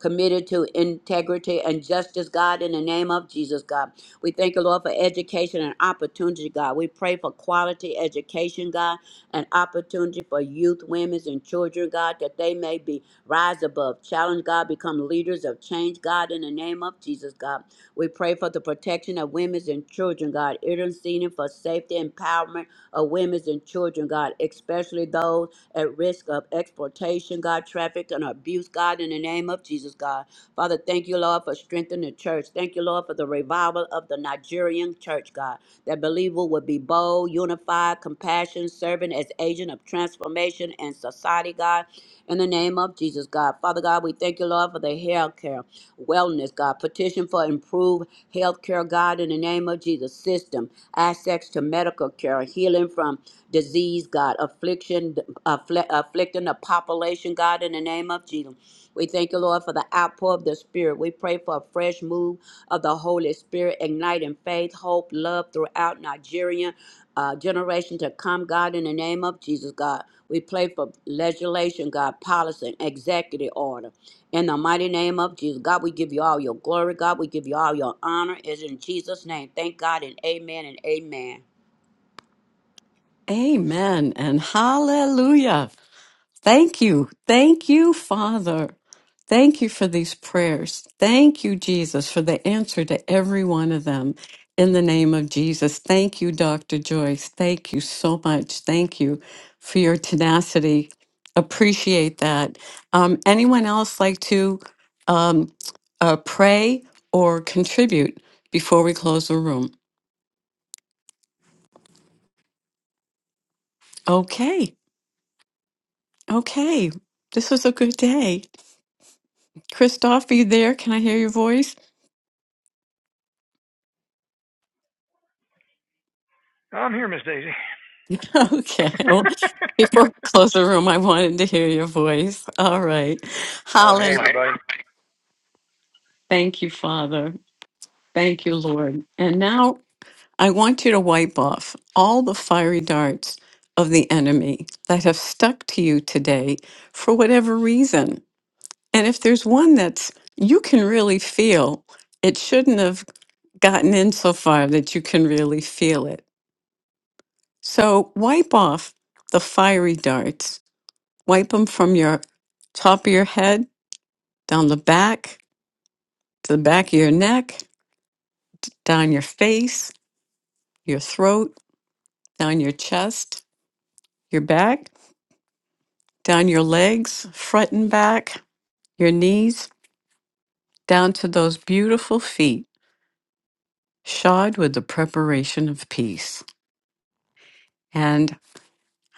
committed to integrity and justice, God, in the name of Jesus, God. We thank you, Lord, for education and opportunity, God. We pray for quality education, God, and opportunity for youth, women, and children, God, that they may be rise above, challenge, God, become leaders of change, God, in the name of Jesus, God. We pray for the protection of women and children, God, interceding for safety and empowerment of women and children, God, especially those at risk of exploitation, God, traffic and abuse, God, in the name of Jesus, God. Father, thank you, Lord, for strengthening the church. Thank you, Lord, for the revival of the Nigerian church, God, that believer would be bold, unified, compassion, serving as agent of transformation and society, God, in the name of Jesus, God. Father God, we thank you, Lord, for the health care wellness, God. Petition for improved health care, God, in the name of Jesus. System, access to medical care, healing from disease, God, affliction, affli- afflicting the population, God, in the name of Jesus. We thank you, Lord, for the outpour of the Spirit. We pray for a fresh move of the Holy Spirit, igniting faith, hope, love throughout Nigeria, uh, generation to come, God, in the name of Jesus, God. We pray for legislation, God, policy, and executive order. In the mighty name of Jesus, God, we give you all your glory. God, we give you all your honor. It's in Jesus' name. Thank God and amen and amen.
Amen and hallelujah. Thank you. Thank you, Father. Thank you for these prayers. Thank you, Jesus, for the answer to every one of them. In the name of Jesus. Thank you, Dr. Joyce. Thank you so much. Thank you for your tenacity. Appreciate that. Um, anyone else like to um, uh, pray or contribute before we close the room? Okay. Okay. This was a good day. Christoph, are you there? Can I hear your voice?
I'm here, Miss Daisy.
Okay. Well, Before we close the room, I wanted to hear your voice. All right.
well, hey
Holland,
everybody.
thank you, Father. Thank you, Lord. And now I want you to wipe off all the fiery darts of the enemy that have stuck to you today for whatever reason. And if there's one that's you can really feel, it shouldn't have gotten in so far that you can really feel it. So wipe off the fiery darts Wipe them from your top of your head, down the back, to the back of your neck, down your face, your throat, down your chest, your back, down your legs, front and back, your knees, down to those beautiful feet, shod with the preparation of peace. And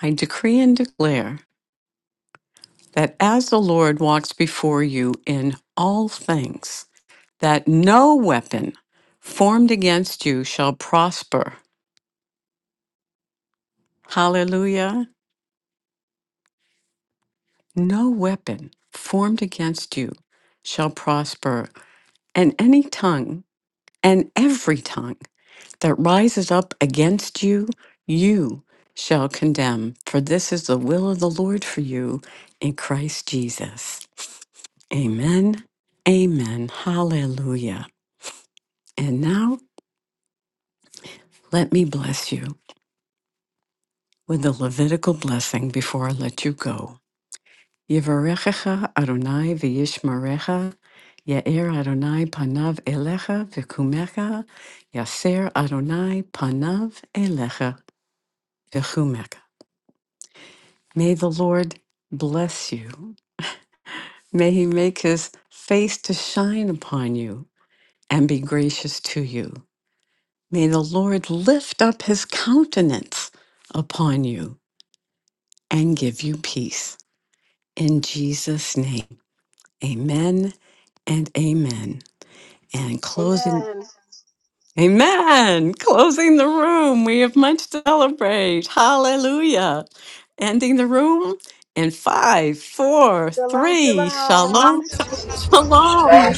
I decree and declare that as the Lord walks before you in all things, that no weapon formed against you shall prosper Hallelujah. No weapon formed against you shall prosper, and any tongue and every tongue that rises up against you, you shall condemn. For this is the will of the Lord for you in Christ Jesus. Amen. Amen. Hallelujah. And now let me bless you with the Levitical blessing before I let you go. Yevarechecha Adonai v'yishmerecha, Yair Adonai panav elecha v'kumecha, Yaser Adonai panav elecha v'kumecha. May the Lord bless you. May he make his face to shine upon you and be gracious to you. May the Lord lift up his countenance upon you and give you peace. In Jesus' name, amen and amen. And closing.
Amen.
Amen. Closing the room. We have much to celebrate. Hallelujah. Ending the room in five, four,
Shalom,
three.
shalom.
Shalom. Shalom.
strong